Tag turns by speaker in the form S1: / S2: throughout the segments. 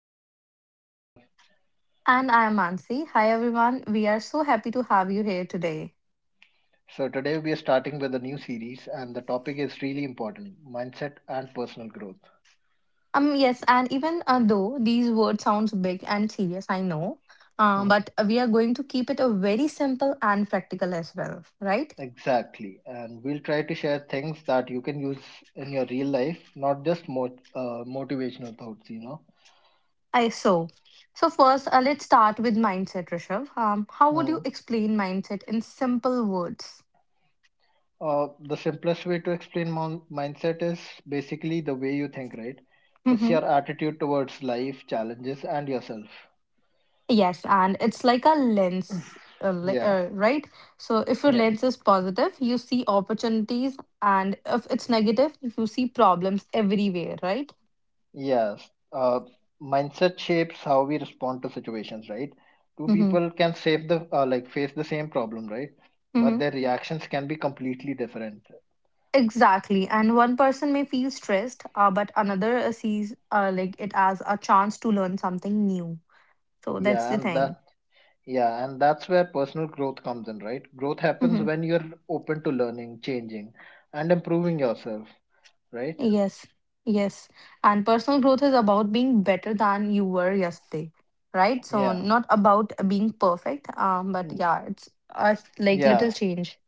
S1: podcast. I'm Rishabh.
S2: And I'm Mansi. Hi everyone. We are so happy to have you here today.
S1: So, today we are starting with a new series, and the topic is really important mindset and personal growth.
S2: Yes, and even though these words sounds big and serious, I know,
S1: Mhm.
S2: but we are going to keep it a very simple and practical as well, right?
S1: Exactly. And we'll try to share things that you can use in your real life, not just motivational thoughts.
S2: I so so first, let's start with mindset, Rishabh. How would you
S1: Mhm.
S2: explain mindset in simple words?
S1: The simplest way to explain mindset is basically the way you think, right? It's your attitude towards life, challenges, and yourself.
S2: Yes, and it's like a lens,
S1: Yeah.
S2: right? So if your lens is positive, you see opportunities, and if it's negative, you see problems everywhere, right?
S1: Yes, mindset shapes how we respond to situations, right? Two
S2: Mm-hmm.
S1: people can save the like face the same problem, right? But
S2: Mm-hmm.
S1: their reactions can be completely different.
S2: Exactly. And one person may feel stressed, but another sees like it as a chance to learn something new. So that's
S1: Yeah,
S2: the
S1: and
S2: thing.
S1: that yeah, and that's where personal growth comes in, right? Growth happens when you're open to learning, changing, and improving yourself, right?
S2: Yes, yes. And personal growth is about being better than you were yesterday, right? So
S1: Yeah,
S2: not about being perfect, but
S1: Mm,
S2: yeah, it's like little
S1: yeah.
S2: change.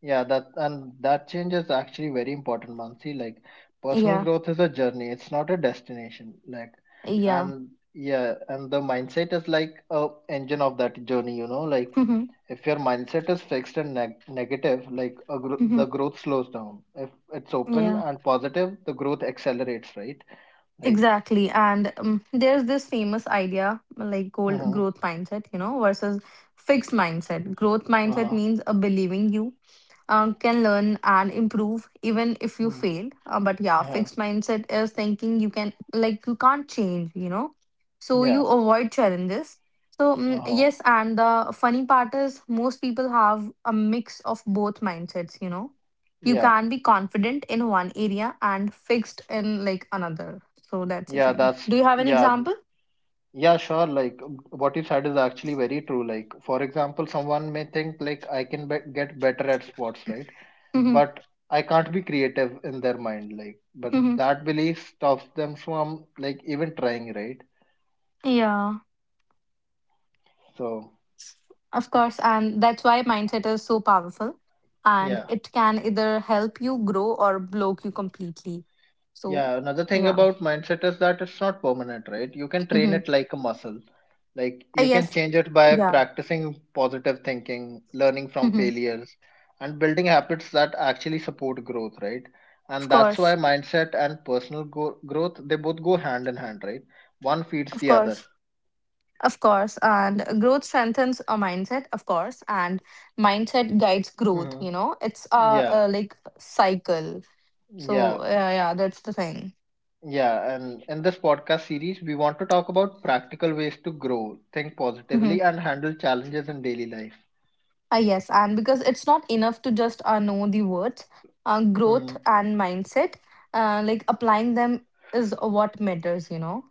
S1: Yeah, that and that change is actually very important, Mansi. Like personal
S2: Yeah,
S1: growth is a journey, it's not a destination. Like
S2: yeah.
S1: and the mindset is like a engine of that journey, like
S2: Mhm,
S1: if your mindset is fixed and negative, like a gro
S2: mhm.
S1: the growth slows down. If it's open
S2: Yeah,
S1: and positive, the growth accelerates, right? Like,
S2: exactly. And there's this famous idea like goal
S1: uh-huh,
S2: growth mindset, you know, versus fixed mindset. Growth mindset
S1: uh-huh,
S2: means a believing you can learn and improve even if you
S1: mm,
S2: fail. But yeah,
S1: yeah,
S2: fixed mindset is thinking you can like you can't change, you know. So
S1: yeah,
S2: you avoid challenges. So
S1: uh-huh,
S2: yes, and the funny part is most people have a mix of both mindsets. You know, you
S1: yeah,
S2: can be confident in one area and fixed in like another. So that's the
S1: yeah,
S2: thing.
S1: that's
S2: Do you have an
S1: yeah,
S2: example?
S1: Yeah, sure. Like what you said is actually very true. Like, for example, someone may think like I can be get better at sports, right? But I can't be creative in their mind, like, but that belief stops them from like even trying, right?
S2: Yeah.
S1: So,
S2: Of course, and that's why mindset is so powerful and
S1: yeah.
S2: it can either help you grow or block you completely. So,
S1: Yeah, another thing
S2: yeah.
S1: about mindset is that it's not permanent, right? You can train
S2: hmm
S1: it like a muscle. Like you can
S2: yes.
S1: change it by
S2: Yeah.
S1: practicing positive thinking, learning from
S2: Hmm.
S1: failures, and building habits that actually support growth, right?
S2: Of
S1: And that's why
S2: course.
S1: mindset and growth, they both go hand in hand, right? One feeds
S2: Of
S1: the other.
S2: course. Of course. And growth strengthens a mindset, of course. And mindset guides growth,
S1: Hmm.
S2: you know, it's a,
S1: Yeah,
S2: a like cycle. So,
S1: yeah,
S2: yeah, yeah, that's the thing.
S1: yeah. And in this podcast series, we want to talk about practical ways to grow, think
S2: Mm-hmm.
S1: positively, and handle challenges in daily life.
S2: Ah, yes, and because it's not enough to just know the words, growth
S1: Mm-hmm.
S2: and mindset, like applying them is what matters, you know?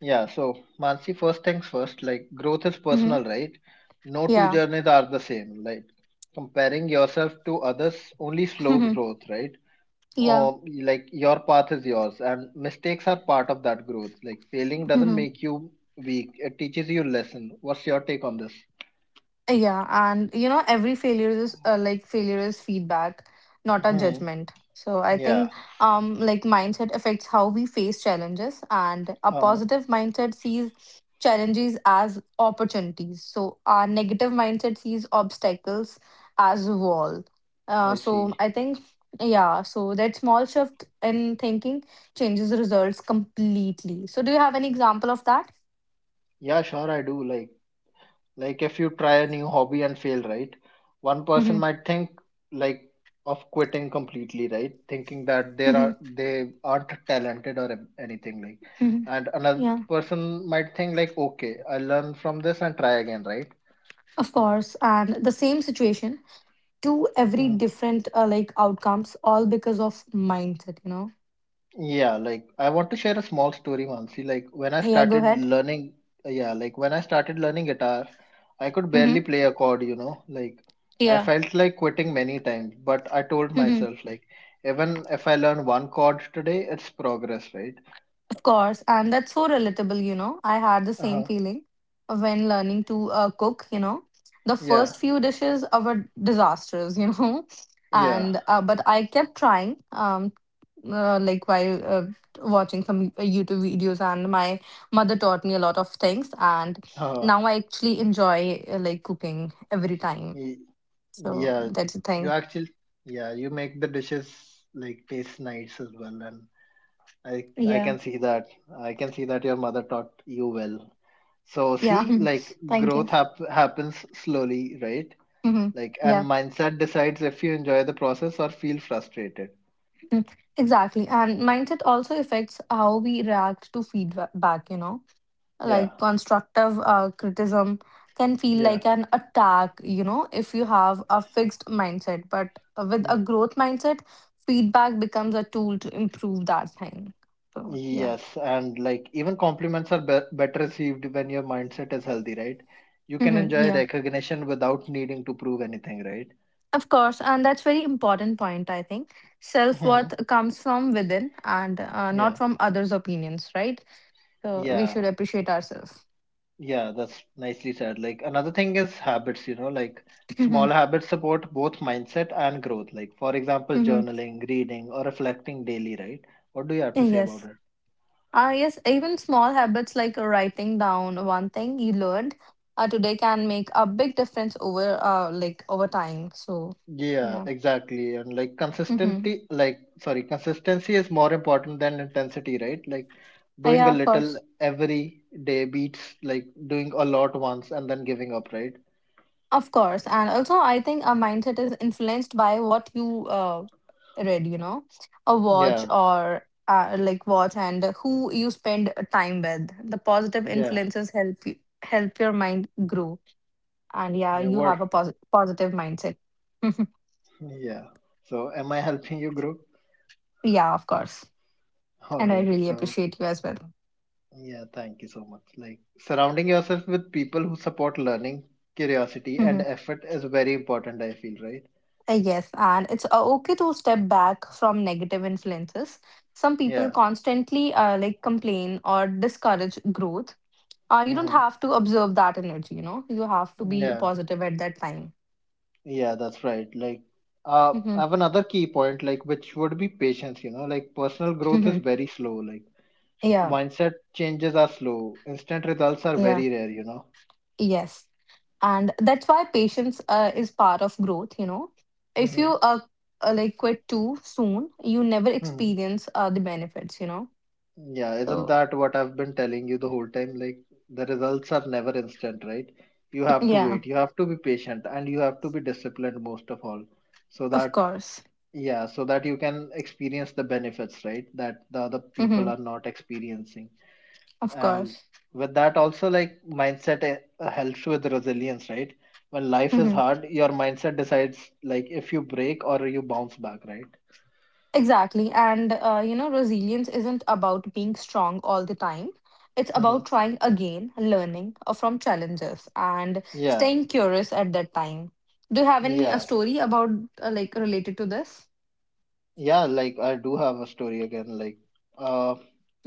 S1: Yeah, so Mansi, first things first, like growth is personal,
S2: Mm-hmm.
S1: right? No two
S2: Yeah.
S1: journeys are the same. Like comparing yourself to others only slows
S2: Mm-hmm.
S1: growth, right?
S2: Yeah.
S1: Or like your path is yours, and mistakes are part of that growth. Like failing doesn't make you weak, it teaches you lesson. What's your take on this?
S2: Yeah, and you know, every failure is like failure is feedback, not a
S1: Hmm.
S2: judgment. So I
S1: Yeah.
S2: think like mindset affects how we face challenges and a
S1: Uh-huh.
S2: positive mindset sees challenges as opportunities. So our negative mindset sees obstacles as a wall.
S1: I
S2: So
S1: see.
S2: I think, yeah, so that small shift in thinking changes results completely. So do you have an example of that?
S1: Yeah, sure, I do. Like. Like if you try a new hobby and fail, right? One person might think like of quitting completely, right? Thinking that there are they aren't talented or anything like.
S2: Mm-hmm.
S1: And another
S2: Yeah.
S1: person might think like, okay, I'll learn from this and try again, right?
S2: Of course, and the same situation, two every
S1: Hmm.
S2: different like outcomes, all because of mindset. You know.
S1: Yeah, like I want to share a small story, Mansi.
S2: Yeah. Go ahead.
S1: Like when I started learning guitar, I could barely
S2: Mm-hmm.
S1: play a chord. Like I
S2: Yeah.
S1: felt like quitting many times, but I told myself, like, even if I learn one chord today, it's progress, right?
S2: Of course, and that's so relatable, you know. I had the same
S1: Uh-huh.
S2: feeling when learning to cook, you know. The
S1: Yeah,
S2: first few dishes were disasters, you know.
S1: yeah.
S2: And But I kept trying um while watching some YouTube videos and my mother taught me a lot of things and
S1: Uh,
S2: now I actually enjoy like cooking every time.
S1: y-
S2: So
S1: yeah,
S2: that's the
S1: you
S2: thing.
S1: actually, yeah, you make the dishes like taste nice as well, and I
S2: Yeah.
S1: can see that. I can see that your mother taught you well. So
S2: Yeah.
S1: see, like
S2: Thank you.
S1: growth hap happens slowly, right?
S2: Hmm.
S1: Like, and
S2: Yeah.
S1: mindset decides if you enjoy the process or feel frustrated.
S2: Mm, Exactly. And mindset also affects how we react to feedback, you know,
S1: Yeah,
S2: like constructive criticism can feel
S1: yeah.
S2: like an attack, you know, if you have a fixed mindset. But with a
S1: Mm.
S2: growth mindset, feedback becomes a tool to improve that thing. So, yeah.
S1: Yes, and like even compliments are be better received when your mindset is healthy, right? You can
S2: Hmm.
S1: enjoy
S2: Yeah.
S1: recognition without needing to prove anything, right?
S2: Of course. And that's very important point, I think. Self
S1: Hmm.
S2: worth comes from within and not
S1: Yeah,
S2: from others' opinions, right? So we
S1: yeah.
S2: should appreciate ourselves.
S1: Yeah, that's nicely said. Like another thing is habits, like
S2: hmm
S1: small habits support both mindset and growth. Like for example,
S2: hmm
S1: journaling, reading, or reflecting daily, right? What do you have to say about
S2: Yes.
S1: it?
S2: Yes, even small habits like writing down one thing you learned today can make a big difference over time. So,
S1: Yeah,
S2: yeah.
S1: exactly. And like
S2: Mm-hmm.
S1: consistency is more important than intensity, right? Like doing a
S2: Yeah, of
S1: little
S2: course.
S1: every day beats like doing a lot once and then giving up, right?
S2: Of course. And also, I think our mindset is influenced by what you read, you know, a watch
S1: Yeah,
S2: or like watch and who you spend time with. The positive
S1: yeah,
S2: influences help you, help your mind grow. And yeah,
S1: yeah.
S2: you
S1: What?
S2: have a positive mindset.
S1: Yeah. So, am I helping you, group?
S2: Yeah, of course.
S1: All
S2: And I
S1: right.
S2: really
S1: So.
S2: appreciate you as well.
S1: Yeah, thank you so much. Like surrounding yourself with people who support learning, curiosity, and
S2: Mhm.
S1: effort is very important, I feel, right?
S2: Yes, and it's okay to step back from negative influences. Some people
S1: Yeah.
S2: constantly like complain or discourage growth. You don't
S1: Mm-hmm.
S2: have to observe that energy, you know. You have to be
S1: Yeah.
S2: positive at that time.
S1: Yeah, that's right. Like, I
S2: Mhm.
S1: have another key point, like, which would be patience, like personal growth is
S2: Mhm.
S1: very slow. Like,
S2: Yeah,
S1: mindset changes are slow. Instant results are
S2: yeah,
S1: very rare.
S2: yes, and that's why patience is part of growth. You know, if
S1: Mm-hmm.
S2: you like quit too soon, you never
S1: Mm-hmm.
S2: experience the benefits. You know,
S1: Yeah, isn't
S2: so
S1: that what I've been telling you the whole time? Like, the results are never instant, right? You have to
S2: yeah,
S1: wait, you have to be patient, and you have to be disciplined most of all, so that,
S2: of course.
S1: yeah, so that you can experience the benefits, right? That the other
S2: Hmm.
S1: people are not experiencing.
S2: Of
S1: And
S2: course.
S1: with that, also, like, mindset helps with resilience, right? When life is
S2: Hmm.
S1: hard, your mindset decides, like, if you break or you bounce back, right?
S2: Exactly. And, resilience isn't about being strong all the time. It's
S1: Hmm.
S2: about trying again, learning from challenges, and
S1: Yeah,
S2: staying curious at that time. Do you have any
S1: yeah.
S2: story related to this?
S1: Yeah, like I do have a story again. Uh,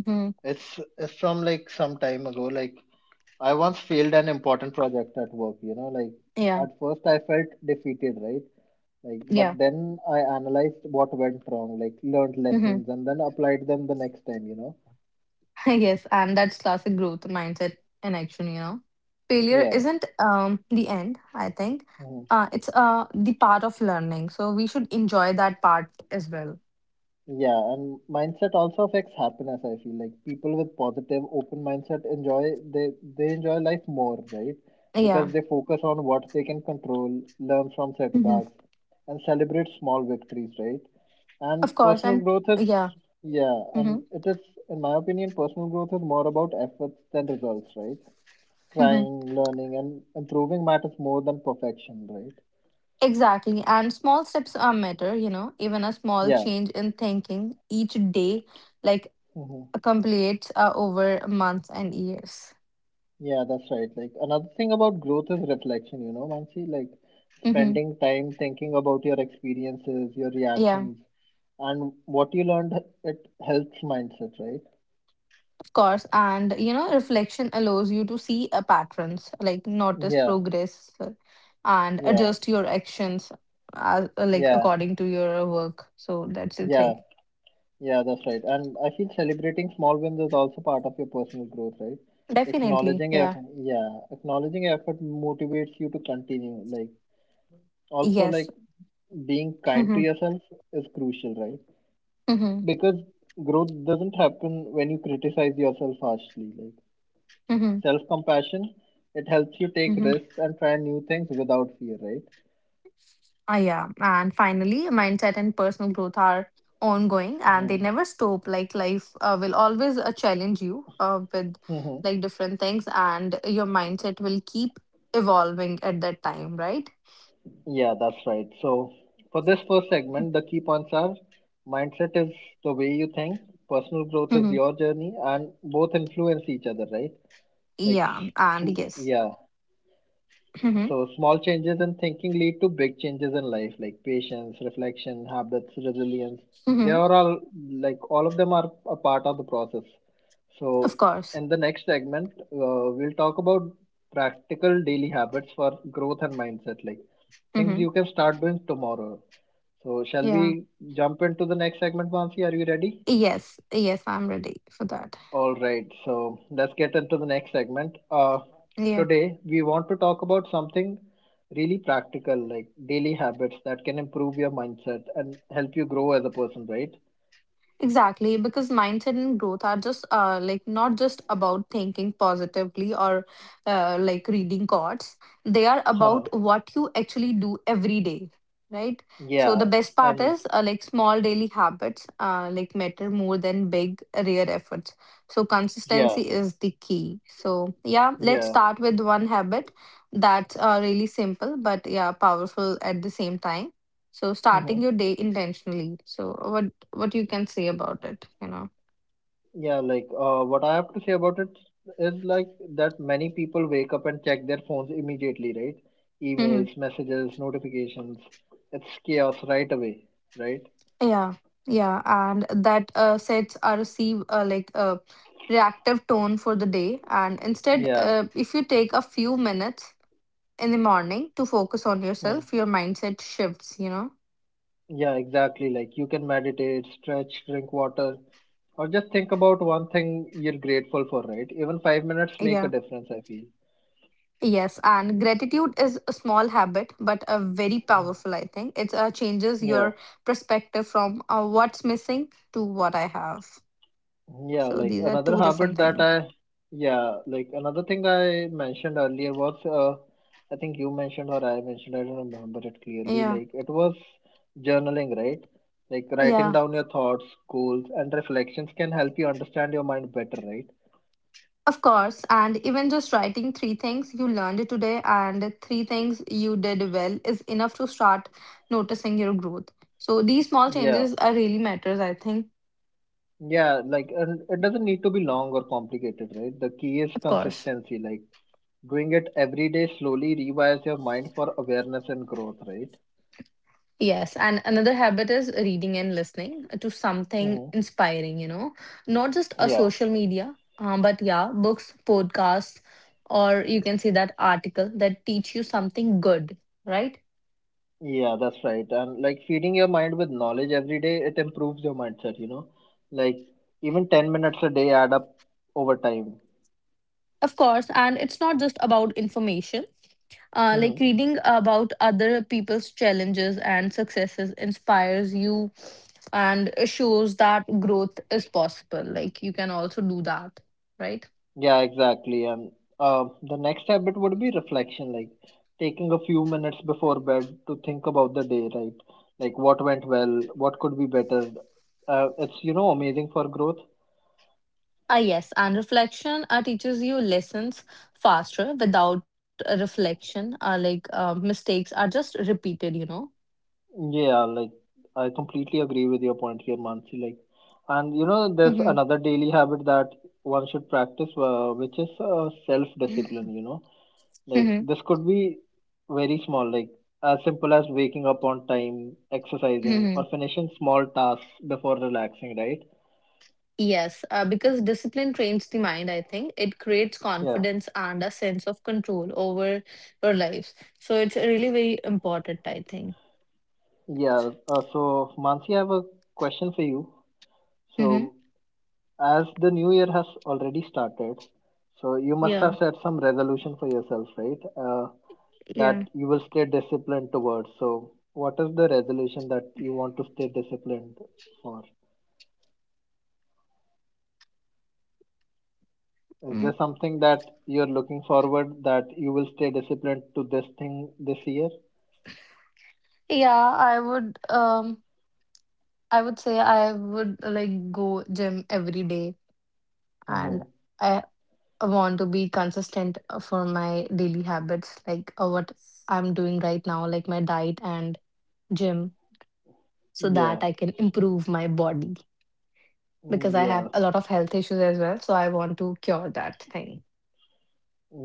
S2: Hmm.
S1: it's from like some time ago. Like, I once failed an important project at work.
S2: Yeah.
S1: At first I felt defeated, right? Like,
S2: Yeah.
S1: but then I analyzed what went wrong, like learned
S2: Hmm.
S1: lessons, and then applied them the next time. You know?
S2: Yes. And that's classic growth mindset in action, you know. Failure
S1: Yeah.
S2: isn't the end, I think.
S1: Mm-hmm.
S2: It's the part of learning. So we should enjoy that part as well.
S1: Yeah, and mindset also affects happiness, I feel. Like people with positive, open mindset enjoy they they enjoy life more, right?
S2: Yeah.
S1: Because they focus on what they can control, learn from setbacks, and celebrate small victories, right?
S2: Of
S1: And
S2: course,
S1: personal
S2: and
S1: growth is
S2: yeah,
S1: yeah, and
S2: hmm
S1: it is In my opinion, personal growth is more about efforts than results, right?
S2: hmm
S1: Trying, learning, and improving matters more than perfection, right?
S2: exactly. And small steps are matter, you know, even a small
S1: Yeah.
S2: change in thinking each day, like
S1: Hmm.
S2: accumulates over months and years.
S1: Yeah, that's right. Like another thing about growth is reflection, you know, Mansi, like
S2: Hmm.
S1: spending time thinking about your experiences, your
S2: Yeah,
S1: reactions, and what you learned, it helps mindset, right?
S2: of course. And, you know, reflection allows you to see patterns, like notice
S1: Yeah,
S2: progress and
S1: yeah,
S2: adjust your actions, like
S1: yeah,
S2: according to your work. So that's the
S1: yeah,
S2: thing.
S1: yeah, that's right. And I feel celebrating small wins is also part of your personal growth, right?
S2: Definitely. Yeah.
S1: Acknowledging effort motivates you to continue. Like also
S2: Yes.
S1: like being kind to
S2: hmm
S1: yourself is crucial, right?
S2: hmm
S1: Because growth doesn't happen when you criticize yourself harshly, like self compassion, it helps you take
S2: hmm
S1: risks and try new things without fear, right?
S2: Ah, yeah. And finally, mindset and personal growth are ongoing and they
S1: Mm-hmm.
S2: never stop. Like life will always challenge you with
S1: Mm-hmm.
S2: like different things, and your mindset will keep evolving at that time, right?
S1: Yeah, that's right. So for this first segment, the key points are mindset is the way you think, personal growth is
S2: Hmm.
S1: your journey, and both influence each other, right? like s-
S2: Yeah. And
S1: sm-
S2: yes.
S1: yeah
S2: Hmm.
S1: So small changes in thinking lead to big changes in life, like patience, reflection, habits, resilience. They
S2: Hmm.
S1: are all like all of them are a part of the process.
S2: Of
S1: So
S2: course.
S1: in the next segment, we'll talk about practical daily habits for growth and mindset, like things
S2: Hmm.
S1: you can start doing tomorrow. So shall
S2: Yeah.
S1: we jump into the next segment, Mansi? Are you ready?
S2: Yes. Yes. I'm ready for that.
S1: All right, so let's get into the next segment.
S2: Yeah.
S1: Today, we want to talk about something really practical, like daily habits that can improve your mindset and help you grow as a person, right?
S2: Exactly, because mindset and growth are just like not just about thinking positively or like reading quotes. They are about
S1: Huh.
S2: what you actually do every day, right? So
S1: yeah,
S2: the best part
S1: and
S2: is like small daily habits like matter more than big rare efforts. So
S1: yeah,
S2: consistency is the key. So yeah, let's
S1: yeah,
S2: start with one habit that's really simple but yeah powerful at the same time, so
S1: hmm
S2: starting your day intentionally. So what you can say about it, you know?
S1: Yeah, like what I have to say about it is like that many people wake up and check their phones immediately, right?
S2: Hmm.
S1: Emails, messages, notifications. It's chaos right away, right?
S2: Yeah, yeah, and that sets a receive like a reactive tone for the day. And instead,
S1: Yeah.
S2: if you take a few minutes in the morning to focus on
S1: Hmm.
S2: yourself, your mindset shifts. You know?
S1: Yeah, exactly. Like you can meditate, stretch, drink water, or just think about one thing you're grateful for, right? Even 5 minutes make a
S2: Yeah.
S1: difference, I feel.
S2: Yes, and gratitude is a small habit, but a very
S1: Mm.
S2: powerful. I think it changes
S1: Yeah.
S2: your perspective from what's missing to what I have.
S1: Yeah,
S2: So
S1: like
S2: these are
S1: another
S2: two
S1: habit
S2: different
S1: that
S2: things.
S1: I, yeah, like another thing I mentioned earlier was, I think you mentioned or I mentioned, I don't remember it clearly.
S2: Yeah.
S1: Like it was journaling, right? Like writing
S2: Yeah.
S1: down your thoughts, goals, and reflections can help you understand your mind better, right?
S2: Of course. And even just writing three things you learned today and three things you did well is enough to start noticing your growth. So these small
S1: Yeah.
S2: changes are really matters, I think.
S1: Yeah, like and it doesn't need to be long or complicated, right? The key is
S2: Of course.
S1: consistency, like doing it every day slowly rewires your mind for awareness and growth, right?
S2: Yes. And another habit is reading and listening to something
S1: Hmm.
S2: inspiring, you know, not just a
S1: Yeah,
S2: social media, but yeah, books, podcasts, or you can say that article that teach you something good, right?
S1: yeah, that's right. And like feeding your mind with knowledge every day, it improves your mindset, you know? Like even 10 minutes a day add up over time.
S2: Of course, and it's not just about information. Like
S1: Mm-hmm.
S2: reading about other people's challenges and successes inspires you and shows that growth is possible. Like you can also do that, right?
S1: Yeah, exactly. And the next habit would be reflection, like taking a few minutes before bed to think about the day, right? Like what went well, what could be better. It's, you know, amazing for growth.
S2: Ah, yes, and reflection teaches you lessons faster without a reflection. Like mistakes are just repeated, you know.
S1: Yeah, like I completely agree with your point here, Mansi. Like, and you know, there's
S2: Mm-hmm.
S1: another daily habit that one should practice, which is self-discipline, you know. Like this could be very small, like as simple as waking up on time, exercising,
S2: Mm-hmm.
S1: or finishing small tasks before relaxing, right?
S2: Yes, because discipline trains the mind, I think. It creates
S1: Yeah.
S2: confidence and a sense of control over your lives. So it's really very important, I think.
S1: Yeah. So, Mansi, I have a question for you.
S2: Mm-hmm.
S1: So, as the new year has already started, so you must have
S2: Yeah.
S1: set some resolution for yourself, right? That
S2: Yeah.
S1: you will stay disciplined towards. So, what is the resolution that you want to stay disciplined for? Is
S2: Mm.
S1: there something that you're looking forward that you will stay disciplined to this thing this year?
S2: Yeah, I would say I would go gym every day and
S1: Mm-hmm.
S2: I want to be consistent for my daily habits, like what I'm doing right now, like my diet and gym, so
S1: Yeah,
S2: that I can improve my body. Because
S1: Mm,
S2: I have
S1: yeah,
S2: a lot of health issues as well, so I want to cure that thing.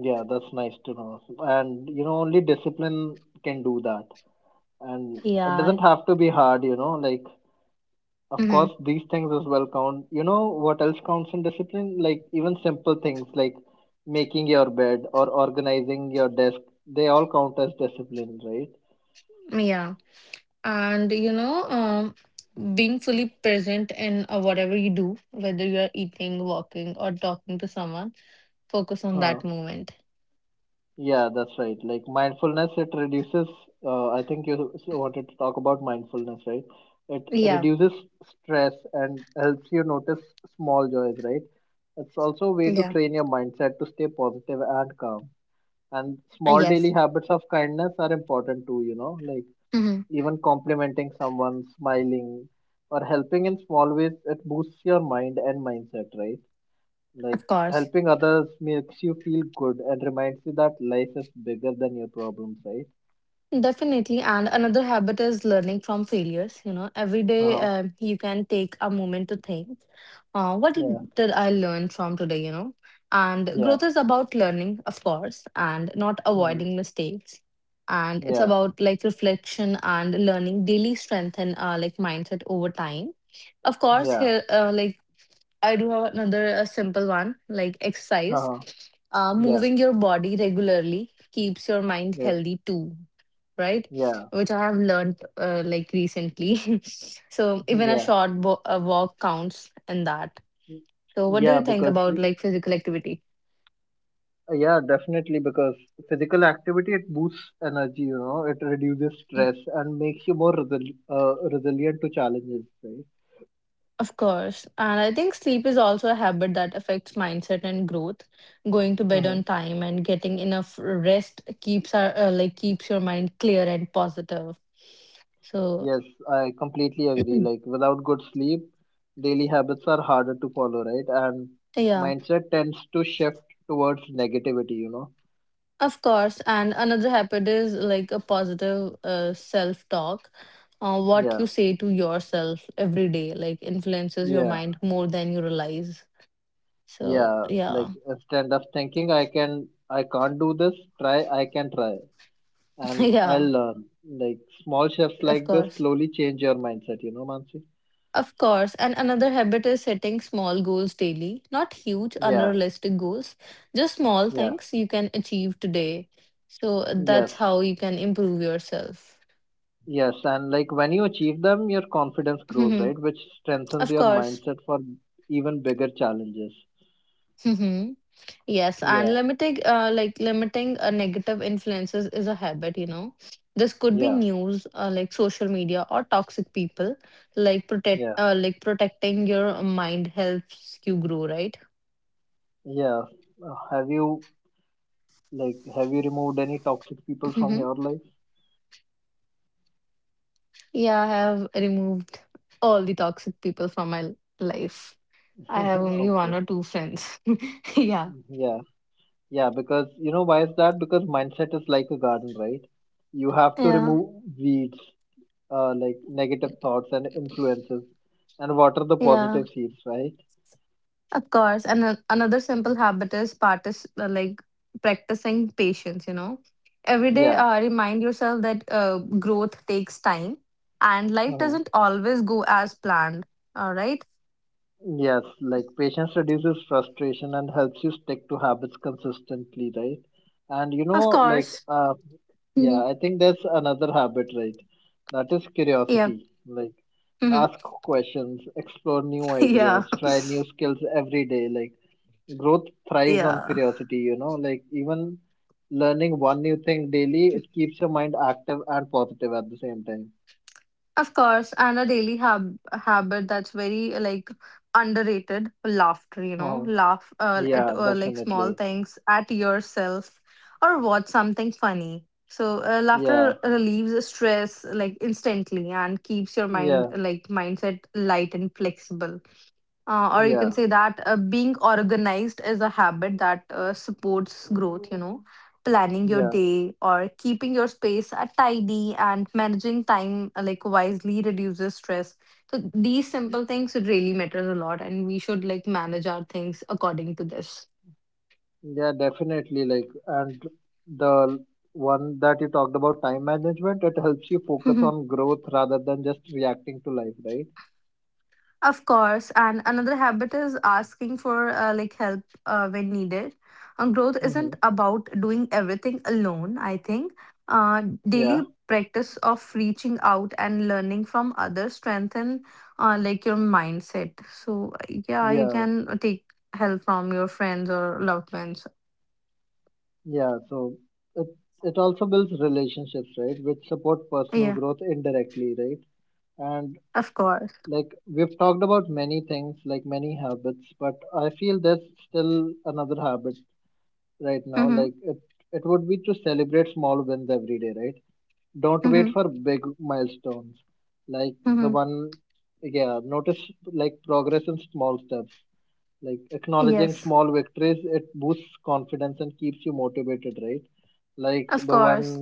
S1: yeah. That's nice to know. And you know, only discipline can do that. And it
S2: Yeah.
S1: doesn't have to be hard. You know, like of
S2: Mm-hmm.
S1: course these things as well count. You know what else counts in discipline? Like even simple things like making your bed or organizing your desk. They all count as discipline, right?
S2: Yeah. And you know, being fully present in whatever you do, whether you're eating, walking, or talking to someone, focus on that
S1: Uh-huh.
S2: moment.
S1: Yeah, that's right. Like mindfulness, it reduces. I think wanted to talk about mindfulness, right? It
S2: Yeah.
S1: reduces stress and helps you notice small joys, right? It's also a way to
S2: Yeah.
S1: train your mindset to stay positive and calm. And small daily
S2: Yes.
S1: habits of kindness are important too, you know, like
S2: Mm-hmm.
S1: even complimenting someone, smiling, or helping in small ways, it boosts your mind and mindset, right? Like
S2: Of course.
S1: helping others makes you feel good and reminds you that life is bigger than your problems, right?
S2: Definitely. And another habit is learning from failures. You know, every day
S1: Uh-huh.
S2: you can take a moment to think, what
S1: Yeah.
S2: did I learn from today, you know? And
S1: Yeah.
S2: growth is about learning, of course, and not
S1: Mm-hmm.
S2: avoiding mistakes. And it's
S1: Yeah.
S2: about like reflection and learning daily strengthen like mindset over time. Of course,
S1: Yeah.
S2: here like I do have another, a simple one like exercise.
S1: Uh-huh. Yeah.
S2: Moving your body regularly keeps your mind
S1: Yeah.
S2: healthy too, right?
S1: Yeah.
S2: Which I have learned like recently. So even a
S1: Yeah.
S2: short bo- a walk counts in that. So what do
S1: Yeah,
S2: you think
S1: because
S2: about like physical activity?
S1: yeah, definitely because physical activity it boosts energy, you know, it reduces
S2: Mm,
S1: stress and makes you more resilient to challenges, right?
S2: Of course, and I think sleep is also a habit that affects mindset and growth. Going to bed
S1: Uh-huh.
S2: on time and getting enough rest keeps our like keeps your mind clear and positive. So.
S1: Yes, I completely agree.
S2: Mm.
S1: Like without good sleep, daily habits are harder to follow, right? And
S2: Yeah,
S1: mindset tends to shift towards negativity, you know.
S2: of course. And another habit is like a positive self-talk. What
S1: Yeah,
S2: you say to yourself every day, like influences your
S1: yeah,
S2: mind more than you realize. So
S1: yeah. Like
S2: yeah,
S1: instead of thinking I can't do this, try I can try and I'll
S2: yeah,
S1: learn. Like small shifts
S2: of
S1: like this
S2: course.
S1: slowly change your mindset, you know, Mansi?
S2: Of course. And another habit is setting small goals daily, not huge,
S1: Yeah,
S2: unrealistic goals, just small
S1: yeah.
S2: things you can achieve today. So
S1: Yes,
S2: that's how you can improve yourself.
S1: Yes, and like when you achieve them, your confidence grows, right? Which strengthens
S2: Of
S1: your
S2: course.
S1: mindset for even bigger challenges.
S2: Yes, and
S1: Yeah,
S2: limiting negative influences is a habit, you know. This could be
S1: yeah,
S2: news, like social media or toxic people, like
S1: yeah,
S2: protecting your mind helps you grow, right?
S1: yeah. Have you have you removed any toxic
S2: Mhm.
S1: people from your life?
S2: Yeah, I have removed all the toxic people from my life. I have only one
S1: Okay.
S2: or two friends. Yeah.
S1: Yeah. Yeah, because you know why is that? Because mindset is like a garden, right? You have to
S2: Yeah.
S1: remove weeds, like negative thoughts and influences, and water the
S2: Yeah.
S1: positive seeds, right?
S2: Of course, and another simple habit is practicing patience. You know, every day
S1: Yeah.
S2: remind yourself that growth takes time, and life doesn't always go as planned. All right,
S1: Yes, like patience reduces frustration and helps you stick to habits consistently, right? And you
S2: of
S1: know,
S2: course. hmm
S1: yeah, I think that's another habit, right? That is
S2: Yeah.
S1: curiosity. Like,
S2: hmm
S1: ask questions, explore new
S2: Yeah.
S1: ideas, try new skills every day. Like, growth thrives on
S2: Yeah.
S1: curiosity, you know, like, even learning one new thing daily, it keeps your mind active and positive at the same time.
S2: Of course, and a daily habit that's very like underrated laughter, you know,
S1: Oh,
S2: laugh uh, at
S1: yeah,
S2: uh, like small
S1: definitely.
S2: things at yourself or watch something funny. So
S1: Yeah,
S2: laughter relieves stress like instantly and keeps your mind
S1: yeah,
S2: like mindset light and flexible. Or you
S1: yeah.
S2: can say that being organized is a habit that supports growth, you know, planning your
S1: Yeah,
S2: day or keeping your space tidy and managing time wisely reduces stress. So these simple things really matters a lot, and we should like manage our things according to this.
S1: Yeah, definitely. Like, and the one that you talked about, time management, it helps you focus on growth rather than just reacting to life, right?
S2: Of course, and another habit is asking for help when needed. And growth
S1: Mm-hmm.
S2: isn't about doing everything alone, I think.
S1: Yeah,
S2: Daily practice of reaching out and learning from others strengthen your mindset. So yeah, you
S1: yeah,
S2: can take help from your friends or loved ones.
S1: yeah. So it it also builds relationships, right, which support personal
S2: Yeah,
S1: growth indirectly, right? And
S2: of course.
S1: like we've talked about many things, like many habits, but I feel there's still another habit right now.
S2: Mm-hmm.
S1: Like it would be to celebrate small wins every day, right? Don't wait
S2: Mm-hmm.
S1: for big milestones like the
S2: Mm-hmm.
S1: one, yeah, notice like progress in small steps, like acknowledging
S2: Yes,
S1: small victories, it boosts confidence and keeps you motivated, right? Like
S2: of
S1: the one
S2: course.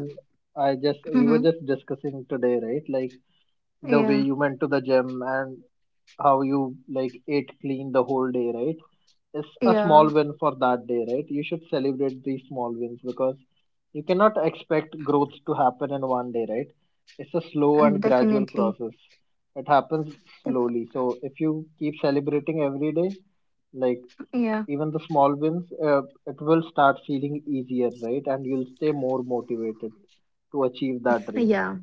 S1: I just, we were
S2: Mm-hmm.
S1: just discussing today, right? Like the way
S2: Yeah,
S1: you went to the gym and how you like ate clean the whole day, right? It's a
S2: yeah,
S1: small win for that day, right? You should celebrate these small wins because you cannot expect growth to happen in one day, right? It's a slow
S2: and
S1: and gradual
S2: definitely.
S1: process. It happens
S2: Def-
S1: slowly. So if you keep celebrating every day, like
S2: yeah,
S1: even the small wins, it will start feeling easier, right? And you'll stay more motivated to achieve that dream.
S2: yeah.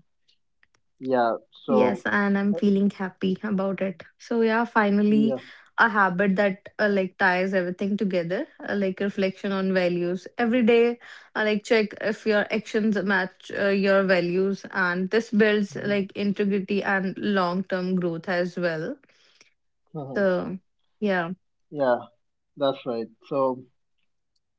S1: Yeah.
S2: Yes,
S1: So,
S2: and I'm
S1: uh,
S2: feeling happy about it. So yeah, finally
S1: yeah.
S2: a habit that ties everything together, reflection on values. Every day, check if your actions match your values, and this builds
S1: Mm-hmm.
S2: like integrity and long-term growth as well.
S1: Mhm.
S2: So yeah.
S1: Yeah, that's right. So,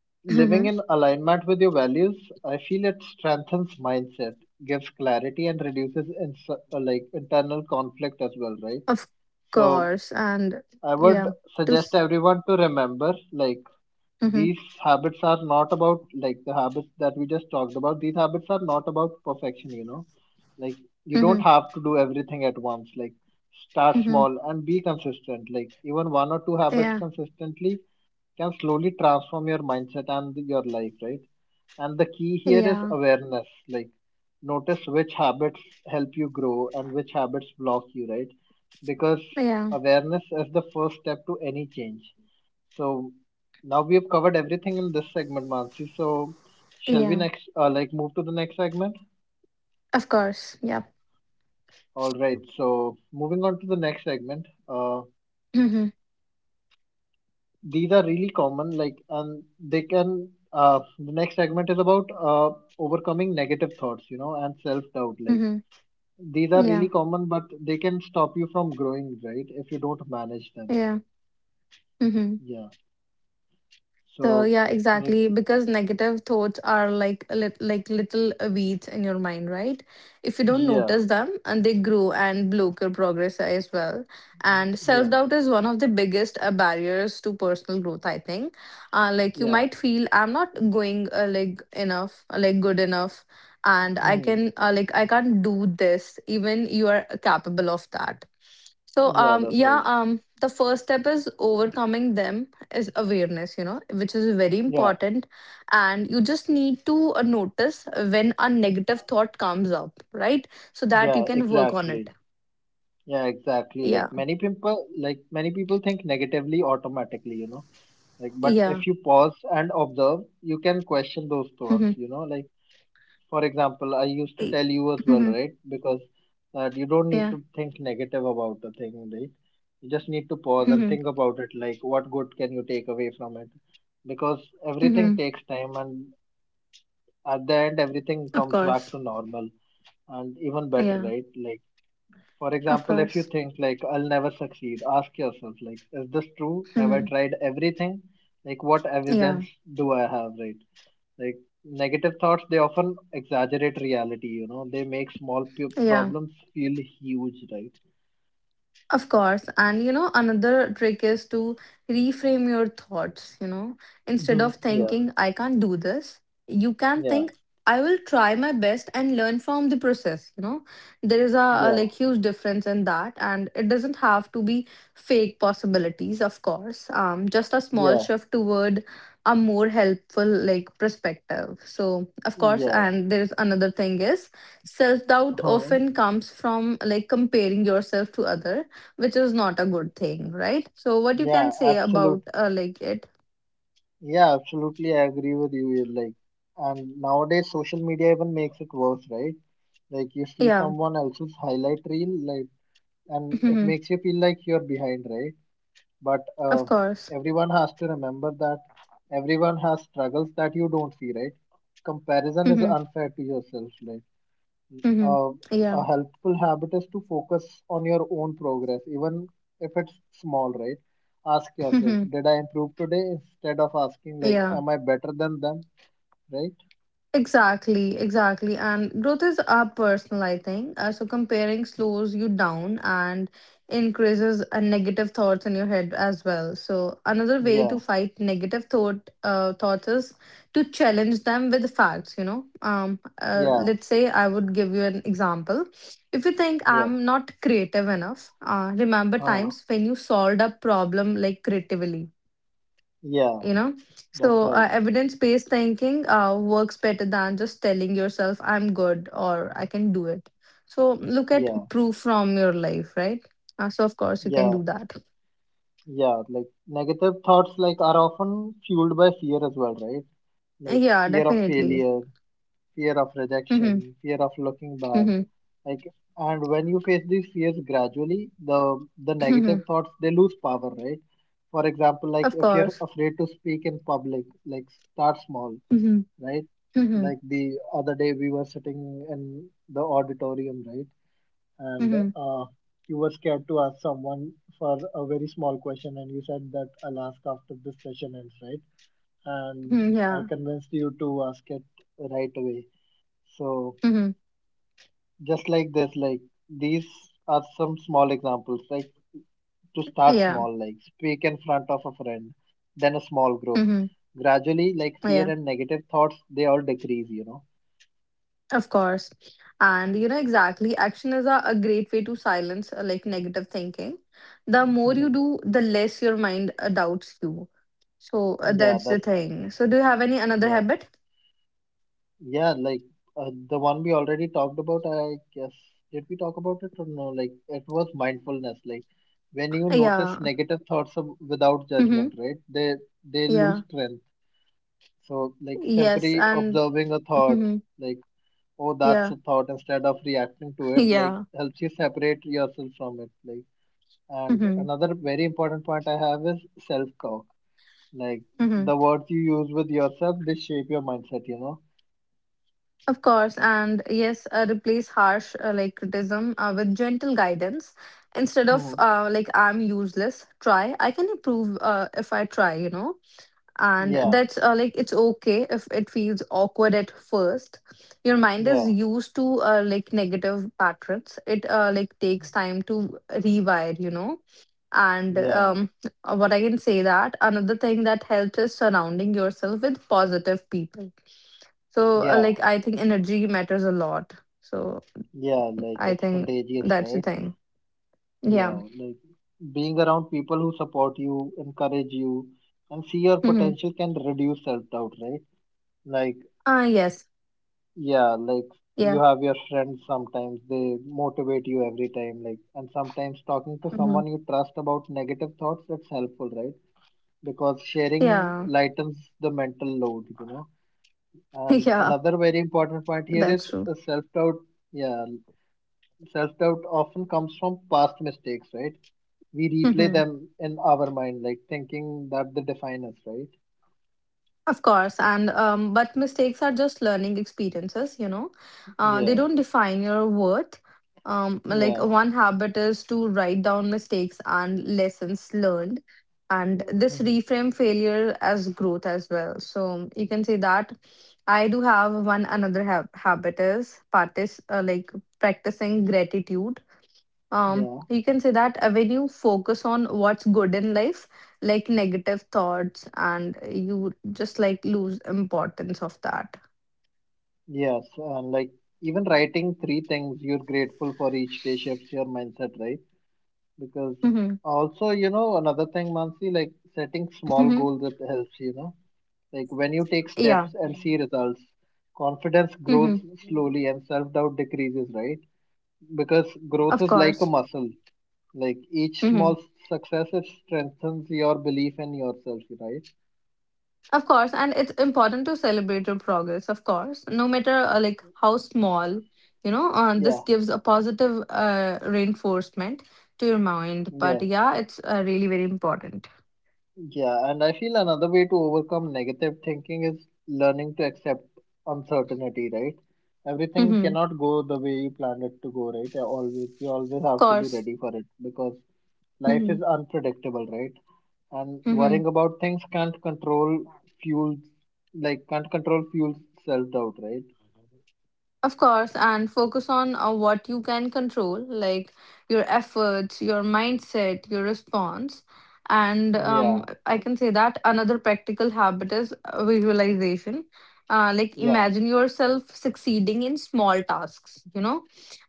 S1: living
S2: Mhm.
S1: in alignment with your values, I feel it strengthens mindset, gives clarity, and reduces like internal conflict as well, right?
S2: Of
S1: So,
S2: course, and
S1: I would
S2: yeah, to
S1: suggest
S2: s-
S1: everyone to remember like
S2: mhm.
S1: these habits are not about like the habits that we just talked about. These habits are not about perfection, you know. Like you don't
S2: Mhm.
S1: have to do everything at once. Like start
S2: Mhm.
S1: small and be consistent. Like even one or two habits
S2: Yeah.
S1: consistently can slowly transform your mindset and your life, right? And the key here is
S2: Yeah.
S1: awareness. Like, notice which habits help you grow and which habits block you, right? Because
S2: Yeah.
S1: awareness is the first step to any change. So now we have covered everything in this segment, Mansi. So shall we
S2: Yeah.
S1: next, move to the next segment?
S2: Of course. Yeah.
S1: All right. So moving on to the next segment.
S2: Mhm.
S1: These are really common like and they can the next segment is about overcoming negative thoughts, you know, and self doubt, like
S2: Mhm.
S1: these are
S2: Yeah.
S1: really common but they can stop you from growing, right, if you don't manage them.
S2: Yeah. hmm
S1: Yeah.
S2: So
S1: So
S2: yeah,
S1: like
S2: exactly. Because negative thoughts are like a little weeds in your mind, right? If you don't
S1: yeah,
S2: notice them, and they grow and block your progress as well. And self
S1: yeah,
S2: doubt is one of the biggest barriers to personal growth, I think, like you
S1: yeah,
S2: might feel I'm not going like enough, like good enough, and
S1: hmm,
S2: I can't do this. Even you are capable of that. So
S1: yeah, that's right.
S2: the first step is overcoming them is awareness, you know, which is very
S1: Yeah,
S2: important. And you just need to notice when a negative thought comes up, right? So that you
S1: yeah,
S2: can work on
S1: exactly.
S2: it.
S1: Yeah, exactly, like
S2: Yeah.
S1: many people, many people think negatively automatically, you know. Like, but if
S2: Yeah.
S1: you pause and observe, you can question those thoughts,
S2: Mm-hmm.
S1: you know. Like, for example, I used to tell you as well,
S2: Mm-hmm.
S1: right? Because that you don't need
S2: Yeah.
S1: to think negative about the thing, right? You just need to pause and
S2: Mm-hmm.
S1: think about it, like, what good can you take away from it? Because everything
S2: Mm-hmm.
S1: takes time, and at the end, everything
S2: Of
S1: comes
S2: course.
S1: back to normal and even better,
S2: Yeah.
S1: right? Like, for
S2: Of
S1: example, if you
S2: course.
S1: think like I'll never succeed, ask yourself like, is this true? Have
S2: Mm-hmm.
S1: I tried everything? Like, what
S2: Yeah.
S1: evidence do I have, right? Like, negative thoughts they often exaggerate reality. You know, they make small
S2: Yeah.
S1: problems feel huge, right?
S2: Of course. And you know, another trick is to reframe your thoughts. You know, instead
S1: Hmm.
S2: of
S1: Yeah,
S2: thinking, I can't do this, you can
S1: yeah,
S2: think, I will try my best and learn from the process. You know, there is a, a
S1: yeah,
S2: like huge difference in that. And it doesn't have to be fake possibilities, of course. Just a small
S1: yeah,
S2: shift toward a more helpful like perspective. So, of course,
S1: yeah,
S2: and there's another thing is self doubt
S1: huh,
S2: often comes from like comparing yourself to other, which is not a good thing, right? So what you
S1: yeah,
S2: can say about
S1: absolutely.
S2: it?
S1: Yeah, absolutely. I agree with you. You're Like, and nowadays social media even makes it worse, right? Like you see
S2: Yeah,
S1: someone else's highlight reel, like and it
S2: Mhm.
S1: makes you feel like you're behind, right? But
S2: of course.
S1: everyone has to remember that everyone has struggles that you don't see, right? Comparison is
S2: Mhm.
S1: unfair to yourself. Like
S2: Mhm.
S1: uh,
S2: yeah,
S1: a helpful habit is to focus on your own progress, even if it's small, right? Ask yourself,
S2: Mhm.
S1: did I improve today? Instead of asking like,
S2: yeah.
S1: am I better than them, right?
S2: Exactly, exactly. And growth is personal, I think. So comparing slows you down and increases negative thoughts in your head as well. So another way
S1: Yeah,
S2: to fight negative thoughts is to challenge them with facts, you know.
S1: yeah,
S2: Let's say I would give you an example. If you think
S1: yeah,
S2: I'm not creative enough, remember
S1: uh,
S2: times when you solved a problem like creatively,
S1: yeah.
S2: you know.
S1: That's
S2: So
S1: right.
S2: evidence based thinking works better than just telling yourself I'm good or I can do it. So look at
S1: Yeah,
S2: proof from your life, right? So of course you can
S1: yeah.
S2: do that.
S1: Yeah, like negative thoughts like are often fueled by fear as well, right? Like
S2: Yeah,
S1: fear of
S2: definitely.
S1: failure, fear of
S2: Mhm,
S1: rejection, fear of looking bad.
S2: mhm,
S1: Like and when you face these fears gradually, the negative
S2: mhm.
S1: thoughts they lose power, right? For example, like
S2: Of
S1: if you're
S2: course.
S1: afraid to speak in public, like start small,
S2: Mhm,
S1: right?
S2: mhm,
S1: Like the other day we were sitting in the auditorium, right? And
S2: mhm,
S1: you were scared to ask someone for a very small question and you said that I'll ask after this session ends, right? And
S2: mhm, yeah.
S1: I convinced you to ask it right away. So
S2: Mhm.
S1: just like this, like these are some small examples, like to start
S2: Yeah.
S1: small, like speak in front of a friend, then a small group.
S2: Mhm,
S1: Gradually, like fear
S2: yeah.
S1: and negative thoughts, they all decrease, you know.
S2: Of course. And you know, exactly, action is a great way to silence negative thinking. The more you
S1: Mhm.
S2: do, the less your mind doubts you. So
S1: Yeah,
S2: that's the
S1: that's
S2: thing. So do you have any another
S1: yeah.
S2: habit?
S1: Yeah, like the one we already talked about, I guess. Did we talk about it or no? Like it was mindfulness. Like when you
S2: Yeah.
S1: notice negative thoughts of, without judgment,
S2: Mm-hmm.
S1: right? They
S2: Yeah.
S1: lose strength. So like
S2: Yes.
S1: simply
S2: And
S1: observing a thought,
S2: hmm
S1: like oh that's
S2: yeah.
S1: a thought, instead of reacting to it, like
S2: Yeah.
S1: helps you separate yourself from it. Like and
S2: Mm-hmm.
S1: another very important point I have is self-talk. Like
S2: Mm-hmm.
S1: the words you use with yourself, they shape your mindset. You know.
S2: Of course. And yes, replace harsh criticism with gentle guidance. Instead of
S1: Hmm.
S2: I'm useless, try, I can improve if I try, you know. And
S1: Yeah.
S2: that's it's okay if it feels awkward at first. Your mind is
S1: Yeah.
S2: used to negative patterns. It takes time to rewire, you know. And
S1: Yeah,
S2: what I can say that another thing that helps is surrounding yourself with positive people. So
S1: yeah,
S2: I think energy matters a lot. So
S1: yeah, like
S2: I
S1: it's
S2: think
S1: contagious,
S2: that's the
S1: right?
S2: thing, yeah.
S1: Yeah, like being around people who support you, encourage you, and see your
S2: Mm-hmm.
S1: potential can reduce self-doubt, right? Like,
S2: Yes,
S1: yeah, like you
S2: yeah.
S1: have your friends sometimes, they motivate you every time, like, and sometimes talking to
S2: Mm-hmm.
S1: someone you trust about negative thoughts, it's helpful, right? Because sharing
S2: Yeah.
S1: lightens the mental load, you know. And
S2: yeah,
S1: another very important point here is
S2: that's true.
S1: self-doubt. Yeah, self doubt often comes from past mistakes, right? We replay
S2: Mm-hmm.
S1: them in our mind, like thinking that they define us, right?
S2: Of course, and but mistakes are just learning experiences, you know. They
S1: Yeah,
S2: don't define your worth. Like
S1: yeah,
S2: one habit is to write down mistakes and lessons learned, and this
S1: mhm,
S2: reframe failure as growth as well. So you can say that I do have one another habit is partic like practicing gratitude.
S1: yeah,
S2: You can say that when you focus on what's good in life, like negative thoughts and you just like lose importance of that.
S1: yes. And like even writing 3 things you're grateful for each day shifts your mindset, right? Because
S2: hmm
S1: also, you know, another thing, Mansi, like setting small
S2: hmm
S1: goals that helps, you know, like when you take
S2: yeah.
S1: steps and see results, confidence grows
S2: hmm
S1: slowly and self doubt decreases, right? Because growth
S2: of
S1: is like a
S2: course.
S1: muscle. Like each
S2: hmm
S1: small success it strengthens your belief in yourself, right?
S2: of course, and it's important to celebrate your progress, of course, no matter how small, you know. This
S1: Yeah,
S2: gives a positive reinforcement to your mind, but
S1: yeah,
S2: yeah, it's really very important.
S1: yeah. And I feel another way to overcome negative thinking is learning to accept uncertainty, right? Everything
S2: Of
S1: cannot go the way you planned it to go, right? Always, you always have to be
S2: course.
S1: ready for it because life
S2: hmm
S1: is unpredictable, right? And worrying about things can't control fuels, like can't control fuels self doubt, right?
S2: Of course, and focus on what you can control, like your efforts, your mindset, your response. And
S1: Yeah,
S2: I can say that another practical habit is visualization. Like
S1: yeah,
S2: imagine yourself succeeding in small tasks, you know,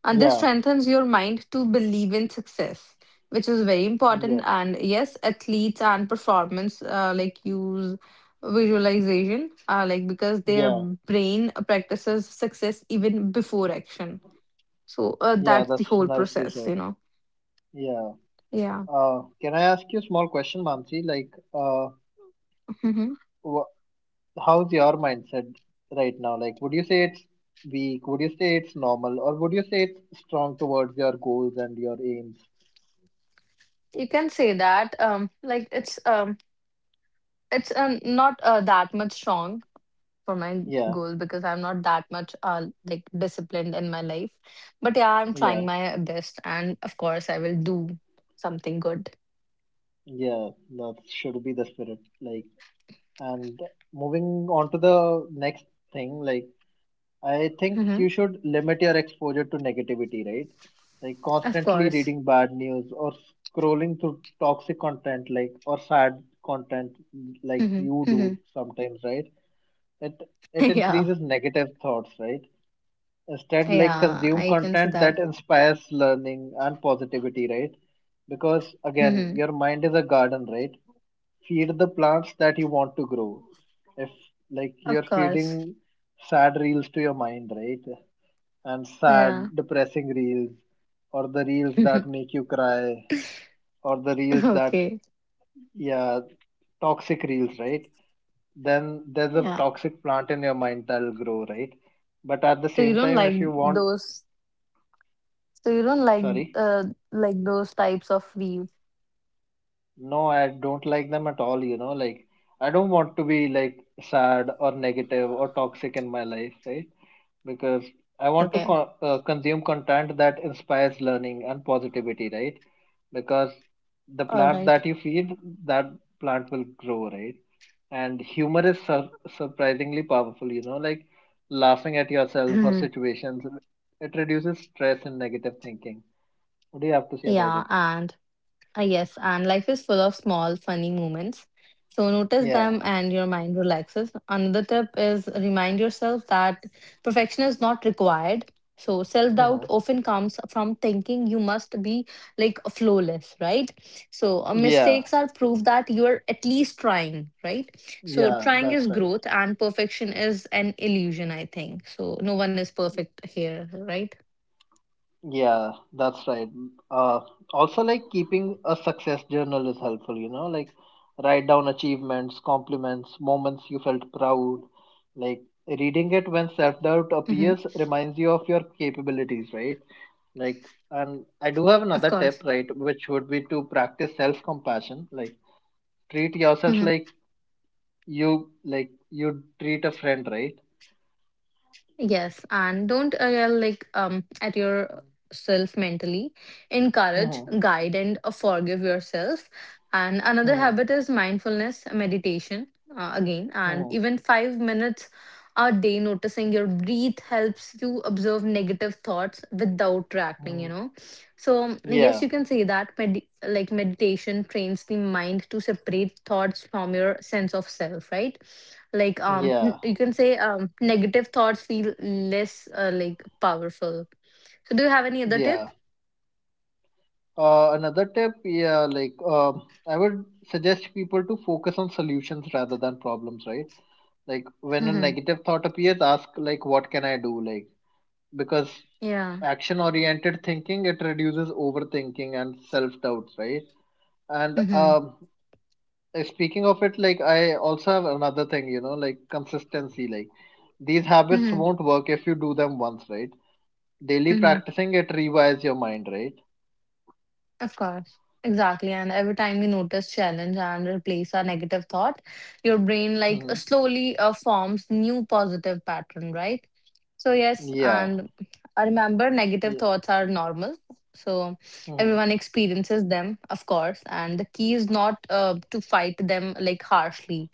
S2: and this
S1: yeah,
S2: strengthens your mind to believe in success, which is very important.
S1: yeah,
S2: And yes, athletes and performance use visualization because their
S1: yeah.
S2: brain practices success even before action. So
S1: Yeah,
S2: that's the
S1: that's
S2: whole
S1: nicely
S2: process,
S1: said.
S2: you know.
S1: Yeah.
S2: Yeah.
S1: Can I ask you a small question, Mamsi? Like,
S2: hmm
S1: wh how's your mindset right now? Like, would you say it's weak? Would you say it's normal? Or would you say it's strong towards your goals and your aims?
S2: you can say that it's not that much strong for my
S1: Yeah,
S2: goal, because I'm not that much disciplined in my life, but yeah, I'm trying
S1: yeah,
S2: my best, and of course I will do something good.
S1: yeah. That should be the spirit. Like, and moving on to the next thing, like, I think
S2: hmm
S1: you should limit your exposure to negativity, right? Like
S2: of
S1: constantly
S2: course.
S1: reading bad news or scrolling through toxic content, like or sad content, like
S2: hmm
S1: you do
S2: hmm
S1: sometimes, right? It it
S2: yeah.
S1: increases negative thoughts, right? Instead, like
S2: Yeah,
S1: consume
S2: I can see
S1: content that
S2: that.
S1: inspires learning and positivity, right? Because again, your mind is a garden, right? Feed the plants that you want to grow. If like you're
S2: Of course.
S1: feeding sad reels to your mind, right? And
S2: Yeah.
S1: sad, depressing reels, or the reels that make you cry, or the reels that,
S2: Okay.
S1: yeah, toxic reels, right? Then there's a
S2: Yeah.
S1: toxic plant in your mind that'll grow, right? But at the
S2: So you
S1: same
S2: don't
S1: time,
S2: like
S1: if you want,
S2: those so you don't
S1: sorry.
S2: uh like those types of reels.
S1: No, I don't like them at all, like I don't want to be like sad or negative or toxic in my life, right? Because I want to
S2: Okay.
S1: consume content that inspires learning and positivity, right? Because the
S2: All
S1: plant that
S2: right.
S1: you feed, that plant will grow, right? And humor is surprisingly powerful, like laughing at yourself or situations, it reduces stress and negative thinking. What do you have to say about
S2: Yeah,
S1: it?
S2: and ah, yes, and life is full of small, funny moments. So notice
S1: Yeah.
S2: them and your mind relaxes. Another tip is remind yourself that perfection is not required. So self doubt often comes from thinking you must be like flawless, right? So
S1: Yeah.
S2: mistakes are proof that you are at least trying, right? So
S1: Yeah,
S2: trying is
S1: that's right.
S2: growth and perfection is an illusion, I think. So no one is perfect here, right?
S1: Yeah, that's right. Uh, Also, like keeping a success journal is helpful, like write down achievements, compliments, moments you felt proud. Like reading it
S2: Mm-hmm.
S1: when self doubt appears reminds you of your capabilities, right? Like,
S2: Of
S1: and I
S2: course.
S1: do have another tip, right, which would be to practice self compassion. Like, treat yourself like you treat a friend, right?
S2: Yes, and don't yell like at yourself mentally. Encourage, guide, and forgive yourself. And
S1: Hmm.
S2: another
S1: Hmm.
S2: habit is mindfulness meditation again, and
S1: Hmm.
S2: even 5 minutes a day noticing your breath helps you observe negative thoughts without reacting. You
S1: Hmm.
S2: know, so yes,
S1: Yeah.
S2: you can say that meditation trains the mind to separate thoughts from your sense of self, right? Like
S1: Yeah.
S2: you can say negative thoughts feel less powerful. So do you have any other
S1: Yeah.
S2: tip?
S1: Another tip, yeah, like I would suggest people to focus on solutions rather than problems, right? Like when a
S2: Mm-hmm.
S1: negative thought appears, ask like, "What can I do?" Like because
S2: Yeah.
S1: action-oriented thinking it reduces overthinking and self-doubts, right? And
S2: Mm-hmm.
S1: speaking of it, like I also have another thing, like consistency. Like these habits
S2: Mm-hmm.
S1: won't work if you do them once, right? Daily
S2: Mm-hmm.
S1: practicing it rewires your mind, right?
S2: Of course. Exactly. And every time you notice challenge and replace a negative thought, your brain like
S1: Hmm.
S2: slowly forms new positive pattern, right? So yes,
S1: Yeah.
S2: and I remember negative
S1: Yeah.
S2: thoughts are normal. So
S1: Hmm.
S2: everyone experiences them, of course, and the key is not to fight them like harshly,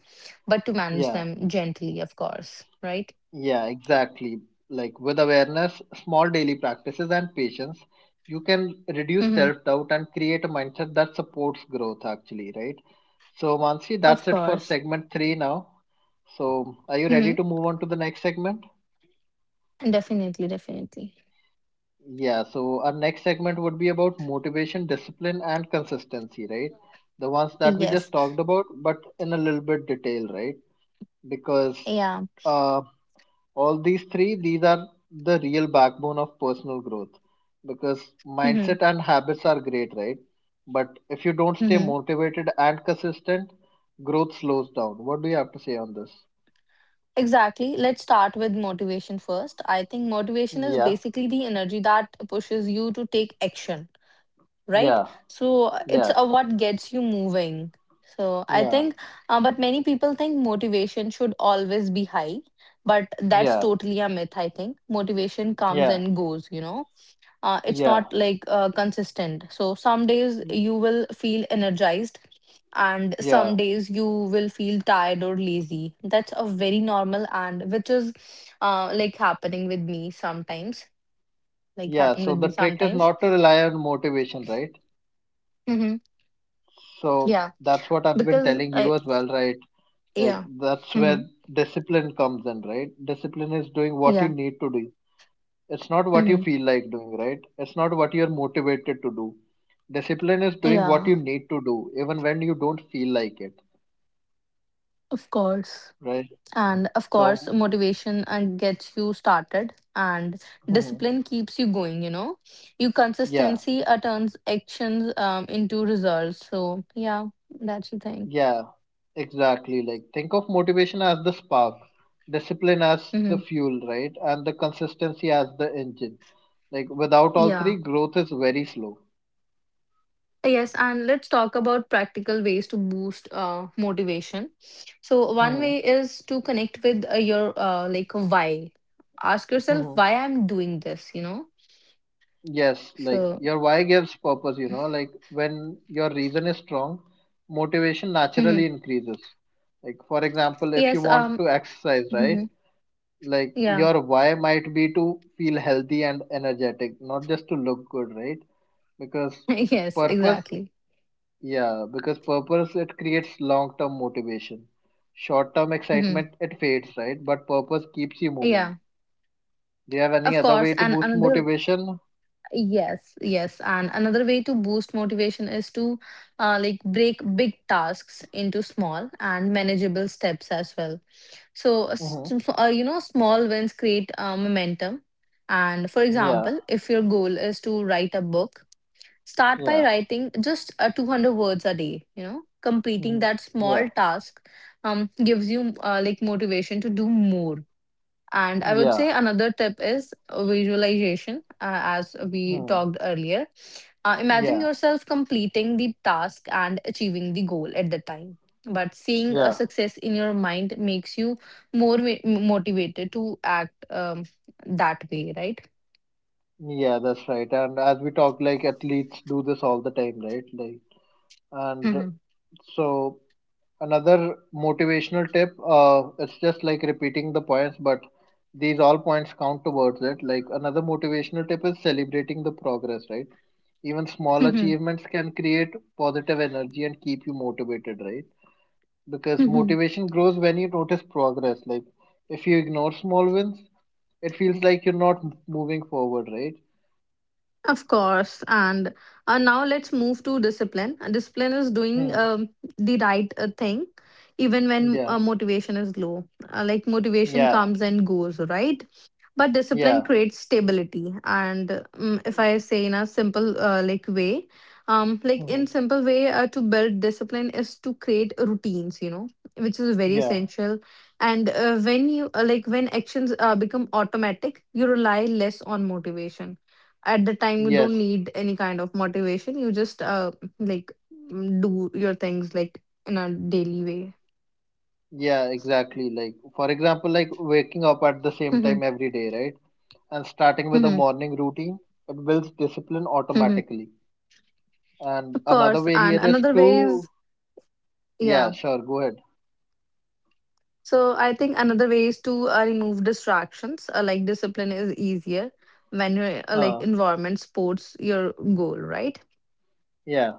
S2: but to manage
S1: Yeah.
S2: them gently, of course, right?
S1: Yeah, exactly. Like with awareness, small daily practices, and patience, you can reduce
S2: Mm-hmm.
S1: self doubt and create a mindset that supports growth, actually, right? So, Mansi,
S2: Of
S1: that's it for
S2: course.
S1: segment three now. So, are you ready
S2: Mm-hmm.
S1: to move on to the next segment?
S2: Definitely, definitely.
S1: Yeah, so our next segment would be about motivation, discipline, and consistency, right? The ones that we
S2: Yes.
S1: just talked about, but in a little bit detail, right? Because
S2: Yeah.
S1: uh. all these three, these are the real backbone of personal growth, because
S2: Mm-hmm.
S1: mindset and habits are great, right? But if you don't stay
S2: Mm-hmm.
S1: motivated and consistent, growth slows down. What do you have to say on this?
S2: Exactly. Let's start with motivation first. I think motivation is
S1: Yeah,
S2: basically the energy that pushes you to take action, right?
S1: yeah,
S2: So uh, it's
S1: yeah,
S2: uh, what gets you moving. So I
S1: yeah,
S2: think, but many people think motivation should always be high, but that's
S1: yeah,
S2: totally a myth, I think. Motivation comes
S1: yeah,
S2: and goes, you know. It's
S1: yeah,
S2: not like consistent. So some days you will feel energized and some
S1: yeah,
S2: days you will feel tired or lazy. That's a very normal and which is happening with me sometimes, like
S1: yeah.
S2: happen
S1: So
S2: with
S1: the
S2: me
S1: trick is
S2: sometimes
S1: not to rely on motivation, right?
S2: mm-hmm.
S1: So
S2: Yeah,
S1: that's what I've been
S2: because
S1: telling you
S2: I
S1: as well, right? Like
S2: yeah,
S1: that's where
S2: mm-hmm,
S1: discipline comes in, right? Discipline is doing what you
S2: yeah,
S1: need to do. It's not what you
S2: mm-hmm,
S1: feel like doing, right? It's not what you're motivated to do. Discipline is doing what
S2: yeah,
S1: you need to do, even when you don't feel like it,
S2: of course.
S1: right?
S2: And of course
S1: So,
S2: motivation gets you started, and
S1: hmm,
S2: discipline keeps you going, you know. Your
S1: yeah,
S2: consistency turns actions into results. So yeah, that's the thing.
S1: yeah, exactly. Like, think of motivation as the spark, discipline as the
S2: Mm-hmm,
S1: fuel, right? And the consistency as the engine. Like, without all three,
S2: yeah.
S1: growth is very slow.
S2: Yes, and let's talk about practical ways to boost motivation. So one way
S1: Hmm.
S2: is to connect with your like why. Ask
S1: Hmm,
S2: yourself why
S1: hmm.
S2: I'm doing this, you know?
S1: Yes, like
S2: So
S1: your why gives purpose, like when your reason is strong, motivation
S2: mhm.
S1: naturally increases. Like, for example, if you
S2: Yes,
S1: want to exercise, right?
S2: mhm.
S1: Like,
S2: Yeah.
S1: your why might be to feel healthy and energetic, not just to look good, right? Because
S2: Yes,
S1: purpose,
S2: exactly.
S1: yeah, because purpose it creates long term motivation. Short term
S2: Mhm.
S1: excitement it fades, right? But purpose keeps you moving.
S2: Yeah.
S1: Do you have any
S2: Of
S1: other
S2: course,
S1: way to
S2: and
S1: boost
S2: another
S1: motivation?
S2: Yes, yes. And another way to boost motivation is to like break big tasks into small and manageable steps as well. So,
S1: Mm-hmm.
S2: you know, small wins create momentum. And for
S1: Yeah,
S2: example, if your goal is to write a book, start
S1: yeah.
S2: by writing just 200 words a day. You know, completing
S1: Mhm.
S2: that
S1: Yeah,
S2: small task gives you like motivation to do more. And I would say
S1: yeah,
S2: another tip is visualization, as we
S1: mm.
S2: talked earlier. Imagine
S1: Yeah,
S2: yourself completing the task and achieving the goal at the time. But seeing a
S1: yeah,
S2: success in your mind makes you motivated to act that way, right?
S1: yeah. That's right. And as we talk, like athletes do this all the time, right? Like, and
S2: Mhm.
S1: so another motivational tip. It's just like repeating the points, but these all points count towards it. Like another motivational tip is celebrating the progress, right? Even small
S2: Mhm.
S1: achievements can create positive energy and keep you motivated, right? Because
S2: Mhm.
S1: motivation grows when you notice progress. Like if you ignore small wins, it feels like you're not moving forward, right?
S2: Of course. And now let's move to discipline. Discipline is doing
S1: Hmm.
S2: the right thing even when
S1: Yeah.
S2: motivation is low. Like motivation
S1: Yeah.
S2: comes and goes, right? But discipline
S1: Yeah.
S2: creates stability. And if I say in a simple like way like
S1: Hmm.
S2: in simple way to build discipline is to create routines, you know, which is very
S1: Yeah.
S2: essential. And when you when actions become automatic you rely less on motivation. At the time you don't
S1: Yes.
S2: need any kind of motivation, you just like do your things like in a daily way.
S1: Yeah, exactly. Like, for example, like waking up at the same
S2: Mhm,
S1: time every day, right? And starting with a
S2: mhm,
S1: morning routine, it builds discipline
S2: mhm.
S1: automatically. And
S2: of
S1: another
S2: course
S1: way
S2: and
S1: here is
S2: another way
S1: to,
S2: is
S1: yeah,
S2: yeah.
S1: sure, go ahead.
S2: So I think another way is to remove distractions. Like discipline is easier when your like
S1: Huh.
S2: environment supports your goal, right?
S1: Yeah.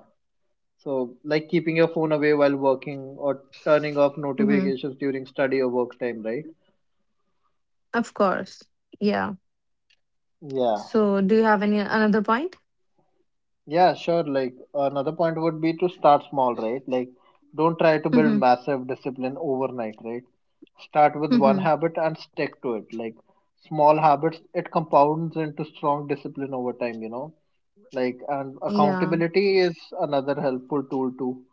S1: So, like keeping your phone away while working or turning off
S2: Mm-hmm.
S1: notifications during study or work time, right?
S2: Of course. Yeah.
S1: Yeah.
S2: So do you have any another point?
S1: Yeah, sure. Like another point would be to start small, right? Like don't try to build
S2: Mm-hmm.
S1: massive discipline overnight, right? Start with one
S2: Mm-hmm.
S1: habit and stick to it. Like small habits, it compounds into strong discipline over time, you know? Like, and
S2: Yeah.
S1: accountability is another helpful tool too.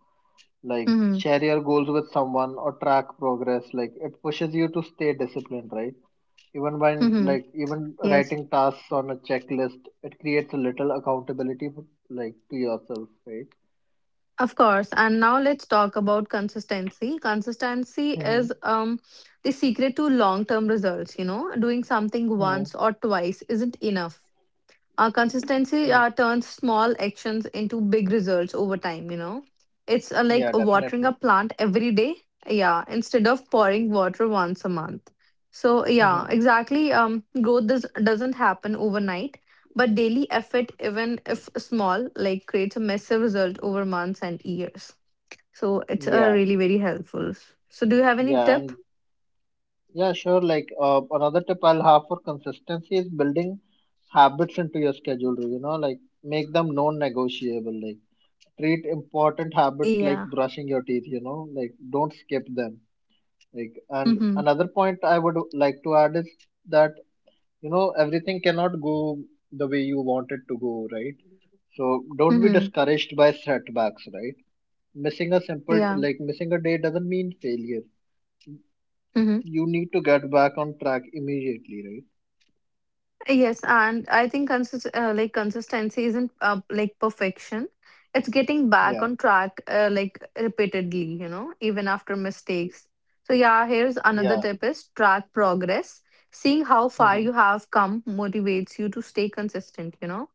S1: Like
S2: Mm-hmm.
S1: share your goals with someone or track progress. Like it pushes you to stay disciplined, right? Even when
S2: Mm-hmm.
S1: like even
S2: Yes.
S1: writing tasks on a checklist, it creates a little accountability like to yourself, right?
S2: Of course. And now let's talk about consistency. Consistency
S1: Mm-hmm.
S2: is the secret to long term results. You know, doing something
S1: Mm-hmm.
S2: once or twice isn't enough. Consistency turns small actions into big results over time, you know. It's like
S1: Yeah,
S2: watering a
S1: definitely.
S2: plant every day, yeah, instead of pouring water once a month. So yeah,
S1: Mm-hmm.
S2: exactly, growth doesn't happen overnight, but daily effort, even if small, like creates a massive result over months and years. So it's
S1: Yeah,
S2: really very helpful. So do you have any
S1: yeah,
S2: tip?
S1: and yeah, sure. Like another tip I'll have for consistency is building habits into your schedule. Like make them non-negotiable. Like treat important habits like
S2: Yeah,
S1: brushing your teeth. Like don't skip them. Like and
S2: mm-hmm.
S1: another point I would like to add is that, everything cannot go the way you want it to go, right? So don't be
S2: Mm-hmm.
S1: discouraged by setbacks, right? Missing a simple,
S2: Yeah.
S1: like missing a day doesn't mean failure.
S2: Mm-hmm.
S1: You need to get back on track immediately, right?
S2: Yes, and I think consist like consistency isn't like perfection. It's getting back
S1: Yeah,
S2: on track like repeatedly, you know, even after mistakes. So yeah, here's another
S1: yeah.
S2: tip is track progress. Seeing how far
S1: Mhm.
S2: you have come motivates you to stay consistent, you know.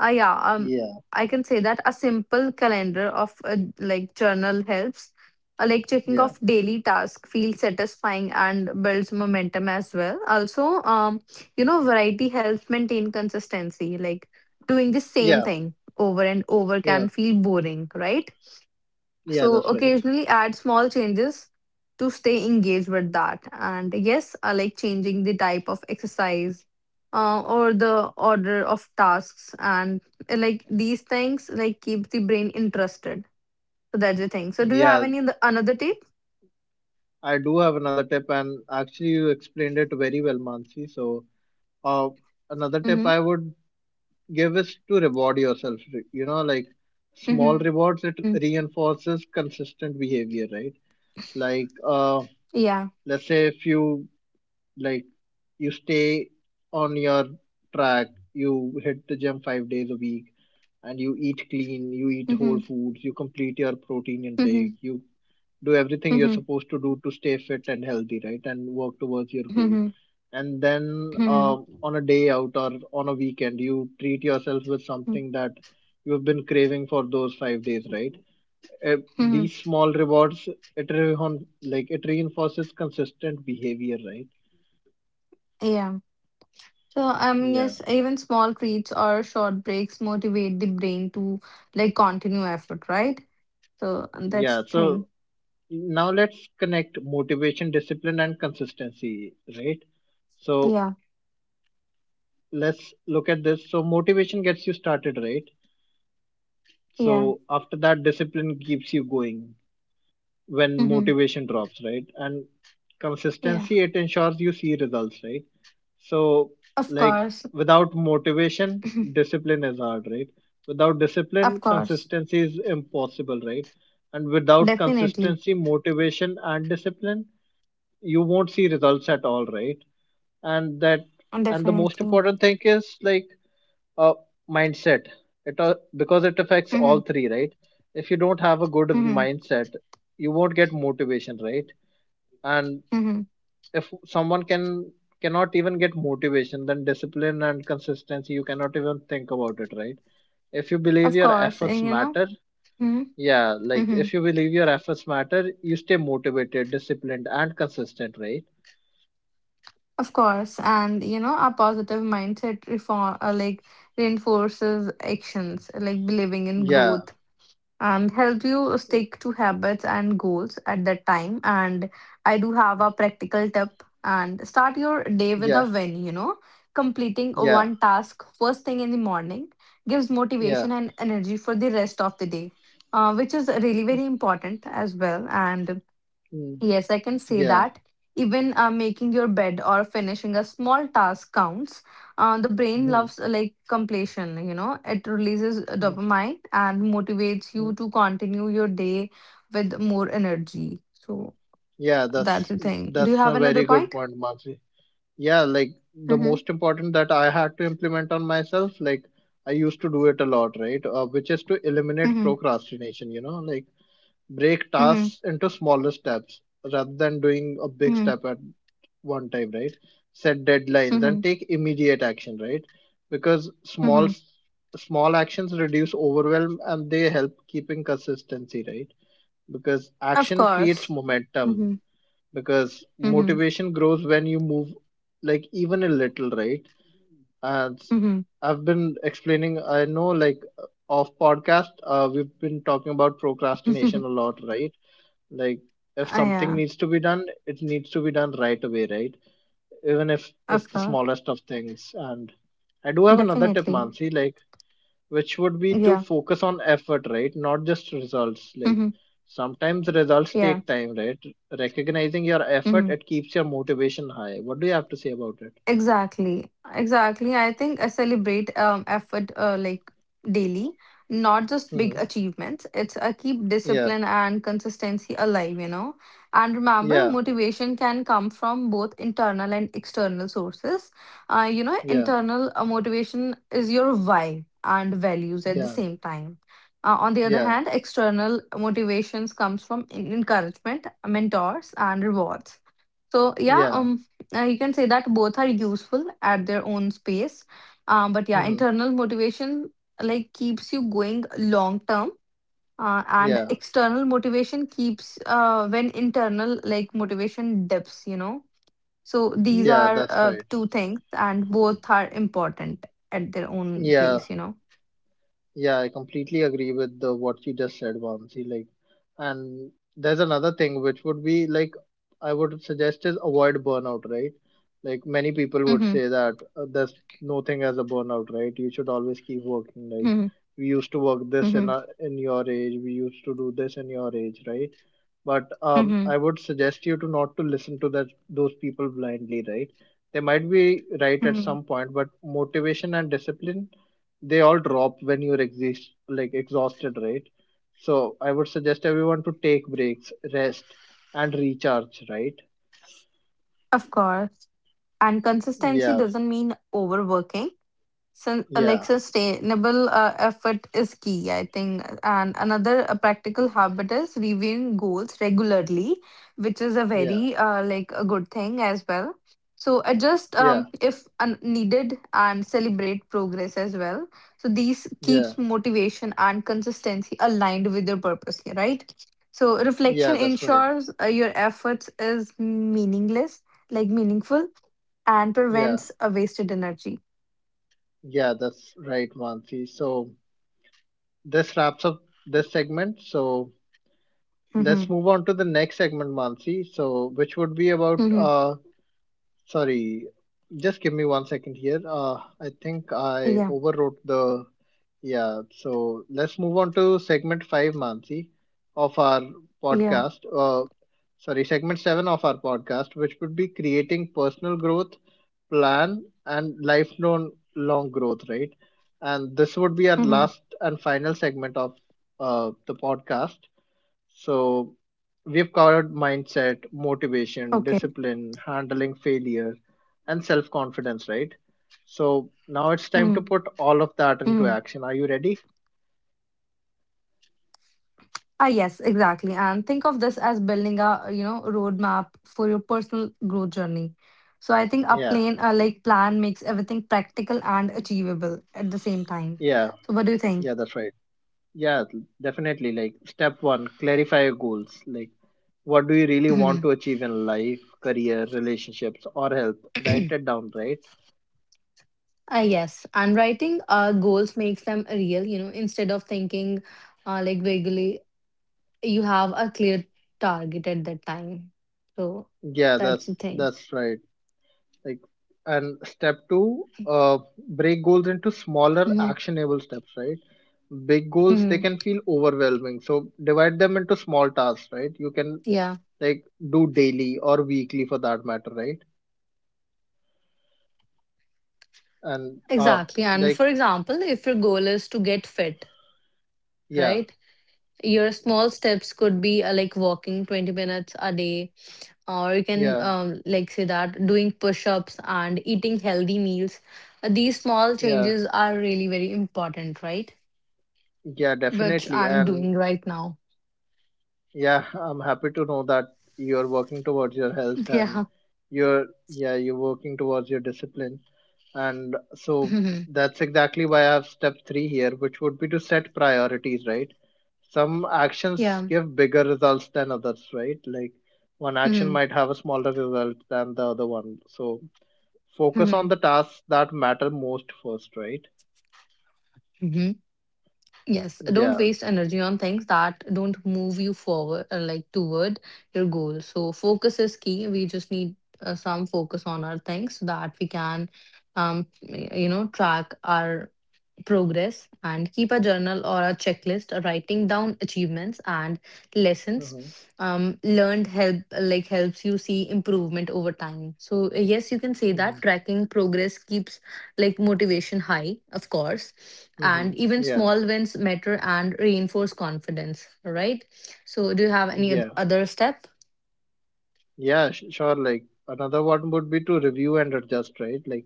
S2: Ah, yeah.
S1: Yeah,
S2: I can say that a simple calendar of a like journal helps. Like checking
S1: yeah,
S2: off daily task feels satisfying and builds momentum as well. Also, you know, variety helps maintain consistency. Like doing the same
S1: yeah,
S2: thing over and over
S1: yeah,
S2: can feel boring, right?
S1: yeah,
S2: So
S1: that's right.
S2: occasionally add small changes to stay engaged with that. And yes, I like changing the type of exercise or the order of tasks. And like these things, like keep the brain interested. So that's the thing. So do you have
S1: Yeah,
S2: any another tip?
S1: I do have another tip, and actually you explained it very well, Mansi. So uh, another tip
S2: Mm-hmm.
S1: I would give is to reward yourself. Like small
S2: Mm-hmm.
S1: rewards, it reinforces consistent behavior, right? Like uh
S2: Yeah.
S1: let's say if you, like, you stay on your track, you hit the gym 5 days a week, and you eat clean, you eat whole
S2: Mm-hmm.
S1: foods, you complete your protein intake,
S2: Mm-hmm.
S1: you do everything
S2: Mm-hmm.
S1: you're supposed to do to stay fit and healthy, right? And work towards your goal.
S2: Mm-hmm.
S1: And then
S2: Mm-hmm.
S1: on a day out or on a weekend, you treat yourself with something that you've been craving for those 5 days, right?
S2: Mm-hmm.
S1: These small rewards, it like it reinforces consistent behavior, right?
S2: Yeah. So
S1: Yeah,
S2: yes, even small treats or short breaks motivate the brain to like continue effort, right? So and that's
S1: yeah.
S2: the thing.
S1: So now let's connect motivation, discipline, and consistency, right? So
S2: Yeah.
S1: let's look at this. So motivation gets you started, right?
S2: Yeah.
S1: So after that, discipline keeps you going when
S2: Hmm.
S1: motivation drops, right? And
S2: Yeah.
S1: consistency, it ensures you see results, right? So,
S2: Of
S1: like,
S2: course.
S1: without motivation, discipline is hard, right? Without discipline,
S2: Of course.
S1: consistency is impossible, right? And without
S2: Definitely.
S1: consistency, motivation, and discipline, you won't see results at all, right? And that, and the most
S2: Definitely.
S1: important thing is like, uh, mindset it because it affects
S2: Hmm.
S1: all three, right? If you don't have a good
S2: Hmm.
S1: mindset, you won't get motivation, right? And
S2: Hmm.
S1: if someone cannot even get motivation, then discipline and consistency you cannot even think about it, right? If you believe
S2: Of
S1: your
S2: course.
S1: efforts
S2: And, you know.
S1: matter,
S2: Mm-hmm.
S1: yeah, like
S2: Mm-hmm.
S1: if you believe your efforts matter, you stay motivated, disciplined, and consistent, right?
S2: Of course. And you know, a positive mindset reform like reinforces actions, like believing in
S1: Yeah,
S2: growth and help you stick to habits and goals at that time. And I do have a practical tip and start your day with a
S1: yeah,
S2: win, you know. Completing
S1: yeah,
S2: one task first thing in the morning gives
S1: yeah,
S2: motivation and energy for the rest of the day, which is really very important as well. And
S1: yeah, mm,
S2: yes, I can say
S1: yeah.
S2: that. Even making your bed or finishing a small task counts. The brain
S1: Mhm,
S2: loves like completion, you know, it releases dopamine and motivates
S1: mm.
S2: you to continue your day with more energy. So
S1: Yeah,
S2: that's
S1: that's
S2: the thing. Do you
S1: that's a
S2: have another
S1: very good
S2: point?
S1: point, Mansi. Yeah, like the
S2: Mm-hmm.
S1: most important that I had to implement on myself, like I used to do it a lot, right? Which is to eliminate
S2: Mm-hmm.
S1: procrastination, like break
S2: Mm-hmm.
S1: tasks into smaller steps rather than doing a big
S2: Mm-hmm.
S1: step at one time, right? Set deadlines
S2: Mm-hmm.
S1: and take immediate action, right? Because small
S2: Mm-hmm.
S1: small actions reduce overwhelm and they help keeping consistency, right? Because
S2: Of
S1: action creates
S2: course.
S1: momentum,
S2: Mm-hmm.
S1: because
S2: Mm-hmm.
S1: motivation grows when you move like even a little, right? And
S2: Mm-hmm.
S1: I've been explaining, I know, like off podcast, we've been talking about
S2: Mm-hmm.
S1: procrastination a lot, right? Like if something
S2: Yeah,
S1: needs to be done, it needs to be done right away, right? Even if it's
S2: of
S1: the
S2: course.
S1: smallest of things. And I do have another tip,
S2: Definitely.
S1: Mansi, like which would be to
S2: Yeah.
S1: focus on effort, right? Not just results. Like
S2: Mm-hmm.
S1: sometimes results
S2: Yeah.
S1: take time, right? Recognizing your effort,
S2: Mm-hmm.
S1: it keeps your motivation high. What do you have to say about it?
S2: Exactly. Exactly. I think I celebrate effort like daily, not just big
S1: Hmm.
S2: achievements. It's I keep
S1: Yeah,
S2: discipline and consistency alive, you know. And remember,
S1: yeah,
S2: motivation can come from both internal and external sources. You know,
S1: yeah,
S2: internal motivation is your why and values at the
S1: yeah,
S2: same time. On the other
S1: yeah,
S2: hand, external motivations comes from encouragement, mentors, and rewards. So yeah,
S1: yeah.
S2: you can say that both are useful at their own space. But yeah,
S1: Hmm.
S2: internal motivation like keeps you going long term, and
S1: Yeah,
S2: external motivation keeps when internal like motivation dips, you know. So these
S1: yeah.
S2: are
S1: That's right.
S2: two things, and both are important at their own
S1: Yeah,
S2: place, you know.
S1: Yeah, I completely agree with the, what you just said, Vamsi. Like, and there's another thing
S2: Hmm.
S1: which would be like I would suggest is avoid burnout, right? Like many people
S2: Hmm.
S1: would say that there's no thing as a burnout, right? You should always keep working. Like
S2: Hmm.
S1: we used to work this
S2: Hmm.
S1: in your age, we used to do this in your age, right? But
S2: Hmm.
S1: I would suggest you to not to listen to that those people blindly, right? They might be right at
S2: Hmm.
S1: some point, but motivation and discipline, they all drop when you're exist like exhausted, right? So I would suggest everyone to take breaks, rest, and recharge, right?
S2: Of course. And consistency
S1: Yeah,
S2: doesn't mean overworking. Like
S1: yeah,
S2: sustainable effort is key, I think. And another practical habit is reviewing goals regularly, which is a
S1: yeah,
S2: very like a good thing as well. So adjust
S1: yeah,
S2: if needed and celebrate progress as well. So these
S1: yeah,
S2: keeps motivation and consistency aligned with your purpose, yeah, right? So
S1: yeah,
S2: reflection
S1: that's right.
S2: ensures your efforts is meaningless, like meaningful, and
S1: Yeah,
S2: prevents a wasted energy.
S1: yeah, that's right, Mansi. So this wraps up this segment. So let's move on to the next segment, Mansi, so which would be about,
S2: Mm-hmm.
S1: uh sorry, just give me one second here. I think I
S2: Yeah.
S1: overwrote the— Yeah, so let's move on to segment five, Mansi, of our
S2: Yeah.
S1: podcast. Sorry, segment 7 of our podcast, which would be creating personal growth plan and lifelong long growth, right? And this would be our
S2: Mm-hmm.
S1: last and final segment of the podcast. So
S2: Okay.
S1: we've covered mindset, motivation, discipline, handling failure, and self confidence, right?
S2: Mm-hmm.
S1: So now
S2: Mm-hmm.
S1: it's time to put all of that into action. Are you ready?
S2: Ah, yes, exactly. And think of this as building a, you know, roadmap for your personal growth journey. So I think a
S1: Yeah,
S2: plan makes everything practical and achievable at the same time. So what do you
S1: yeah,
S2: think?
S1: yeah, that's right. Yeah, definitely. Like, step one, clarify your goals. Like, what do you really
S2: Mhm.
S1: want to achieve in life, career, relationships, or health? Write it down, right?
S2: Ah, yes. And writing goals makes them real, you know, instead of thinking like vaguely, you have a clear target at that time. So
S1: Yeah, that's
S2: that's the thing.
S1: that's right. Like, and step two, break goals into smaller
S2: Hmm.
S1: actionable steps, right? Big goals, they
S2: Hmm.
S1: can feel overwhelming, so divide them into small tasks, right? You can
S2: Yeah,
S1: like do daily or weekly for that matter, right? and uh
S2: exactly. And
S1: like
S2: for example, if your goal is to get fit,
S1: yeah,
S2: right? Your small steps could be like walking 20 minutes a day, or you can
S1: yeah,
S2: like say that doing push-ups and eating healthy meals. These small
S1: yeah,
S2: changes are really very important, right?
S1: yeah,
S2: Which
S1: definitely.
S2: I'm
S1: And
S2: doing right now.
S1: yeah, I'm happy to know that you're working towards your health, and
S2: Yeah.
S1: you're, yeah, you're working towards your discipline. And so
S2: Mhm.
S1: that's exactly why I have step 3 here, which would be to set priorities, right? Some actions
S2: Yeah.
S1: give bigger results than others, right? Like one action
S2: Mm-hmm.
S1: might have a smaller result than the other one, so focus on
S2: Mm-hmm.
S1: the tasks that matter most first, right?
S2: Mm-hmm. Yes, don't
S1: Yeah,
S2: waste energy on things that don't move you forward, like toward your goal. So focus is key. We just need some focus on our things so that we can, you know, track our progress and keep a journal or a checklist writing down achievements and lessons
S1: mm-hmm.
S2: learned helps you see improvement over time. So yes, you can say
S1: Mm-hmm.
S2: that tracking progress keeps like motivation high, of course,
S1: Mm-hmm.
S2: and even
S1: Yeah,
S2: small wins matter and reinforce confidence, right? So do you have any
S1: yeah,
S2: other step?
S1: sure, like another one would be to review and adjust, right? Like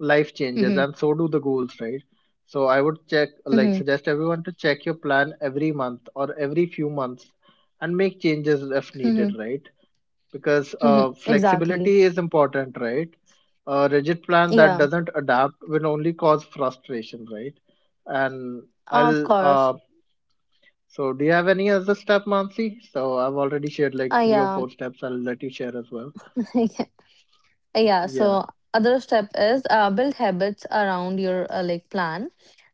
S1: life changes
S2: Hmm.
S1: and so do the goals, right? So I would check like
S2: Hmm.
S1: suggest everyone to check your plan every month or every few months and make changes if
S2: Hmm.
S1: needed, right? Because
S2: Hmm. Exactly.
S1: flexibility is important, right? A rigid plan that
S2: Yeah,
S1: doesn't adapt will only cause frustration, right? and
S2: of
S1: I'll
S2: course.
S1: So do you have any other step, Mansi? So I've already shared like
S2: I
S1: three or
S2: am.
S1: four steps, I'll let you share as well.
S2: Yeah,
S1: Yeah.
S2: so other step is build habits around your like plan.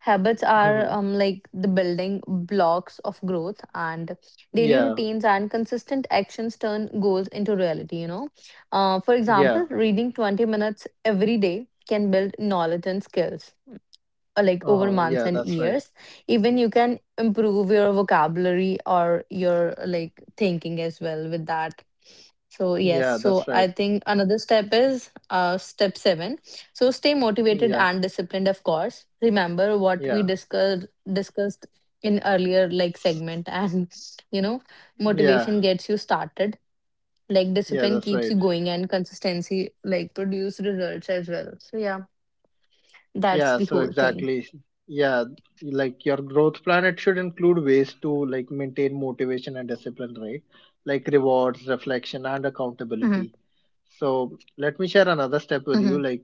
S2: Habits are
S1: hmm,
S2: like the building blocks of growth, and daily
S1: yeah,
S2: routines and consistent actions turn goals into reality, you know. For
S1: yeah,
S2: example, reading 20 minutes every day can build knowledge and skills like over
S1: uh-huh,
S2: months
S1: yeah,
S2: and
S1: that's right.
S2: years. Even you can improve your vocabulary or your like thinking as well with that. So yes,
S1: Yeah,
S2: so
S1: that's
S2: I
S1: right.
S2: think another step is step seven. So stay motivated
S1: Yeah,
S2: and disciplined, of course. Remember what we
S1: yeah,
S2: discussed in earlier like segment, and you know,
S1: yeah,
S2: motivation gets you started. Like
S1: yeah,
S2: discipline
S1: that's
S2: keeps
S1: right.
S2: you going, and consistency like produce results as well. So yeah, that's
S1: Yeah,
S2: the
S1: so
S2: whole thing.
S1: exactly. Yeah, like your growth plan, it should include ways to like maintain motivation and discipline, right? Like rewards, reflection, and
S2: Hmm.
S1: accountability. So let me share another
S2: Hmm.
S1: step with you. Like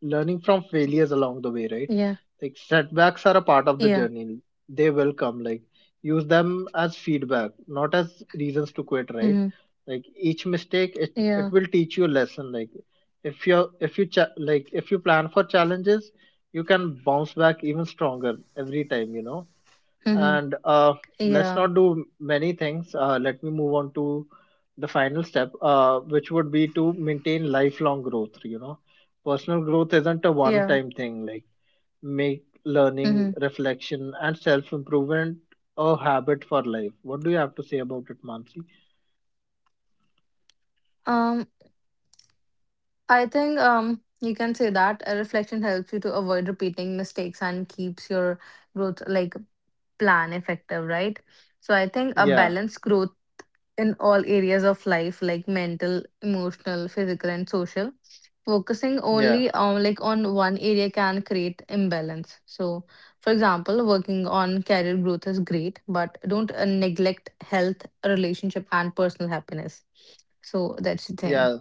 S1: learning from failures along the way,
S2: Yeah.
S1: right? Like setbacks are a part
S2: Yeah.
S1: of the journey. They will come. Like use them as feedback, not as reasons to quit, right?
S2: Hmm.
S1: Like each mistake, it
S2: Yeah.
S1: it will teach you a lesson. Like if you plan for challenges, you can bounce back even stronger every time. You know,
S2: Hmm.
S1: and let's
S2: Yeah.
S1: not do many things. Let me move on to the final step, which would be to maintain lifelong growth, you know. Personal growth isn't a one
S2: Yeah.
S1: time thing. Like make learning,
S2: Hmm.
S1: reflection, and self improvement a habit for life. What do you have to say about it, Mansi?
S2: Um. I think you can say that a reflection helps you to avoid repeating mistakes and keeps your growth like plan effective, right? So I think a
S1: Yeah,
S2: balanced growth in all areas of life, like mental, emotional, physical, and social. Focusing
S1: yeah,
S2: only on like on one area can create imbalance. So, for example, working on career growth is great, but don't neglect health, relationship, and personal happiness. So that's the thing.
S1: yeah,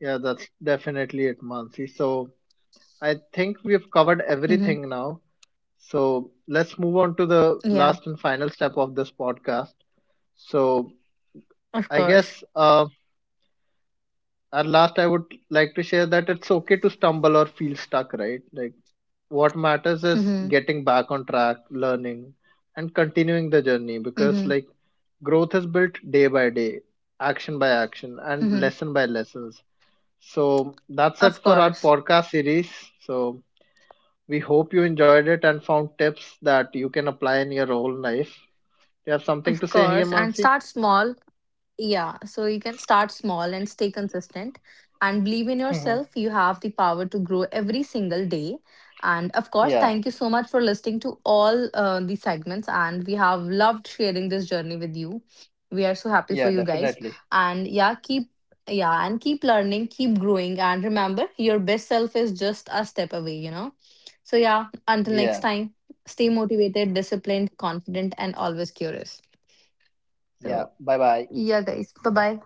S1: yeah, that's definitely it, Mansi. So I think we've covered
S2: Hmm.
S1: everything now. So let's move on to the
S2: Yeah.
S1: last and final step of this podcast. So
S2: Of
S1: I guess,
S2: course.
S1: at last I would like to share that it's okay to stumble or feel stuck, right? Like what matters is
S2: Mm-hmm.
S1: getting back on track, learning, and continuing the journey, because
S2: Mm-hmm.
S1: like growth is built day by day, action by action, and
S2: Mm-hmm.
S1: lesson by lessons. So that's it
S2: Of
S1: for our
S2: course.
S1: podcast series. So we hope you enjoyed it and found tips that you can apply in your own life. Do you have something to
S2: Of
S1: say here,
S2: course. And
S1: Mansi?
S2: start small. Yeah, so you can start small and stay consistent and believe in yourself. You have the power to grow every single day. And of course,
S1: yeah,
S2: thank you so much for listening to all the segments. And we have loved sharing this journey with you. We are so happy for
S1: yeah,
S2: you guys.
S1: definitely.
S2: And yeah, and keep learning, keep growing. And remember, your best self is just a step away, you know? So yeah, until next
S1: Yeah.
S2: time, stay motivated, disciplined, confident, and always curious.
S1: Yeah.
S2: So
S1: Bye bye.
S2: yeah, guys, bye bye.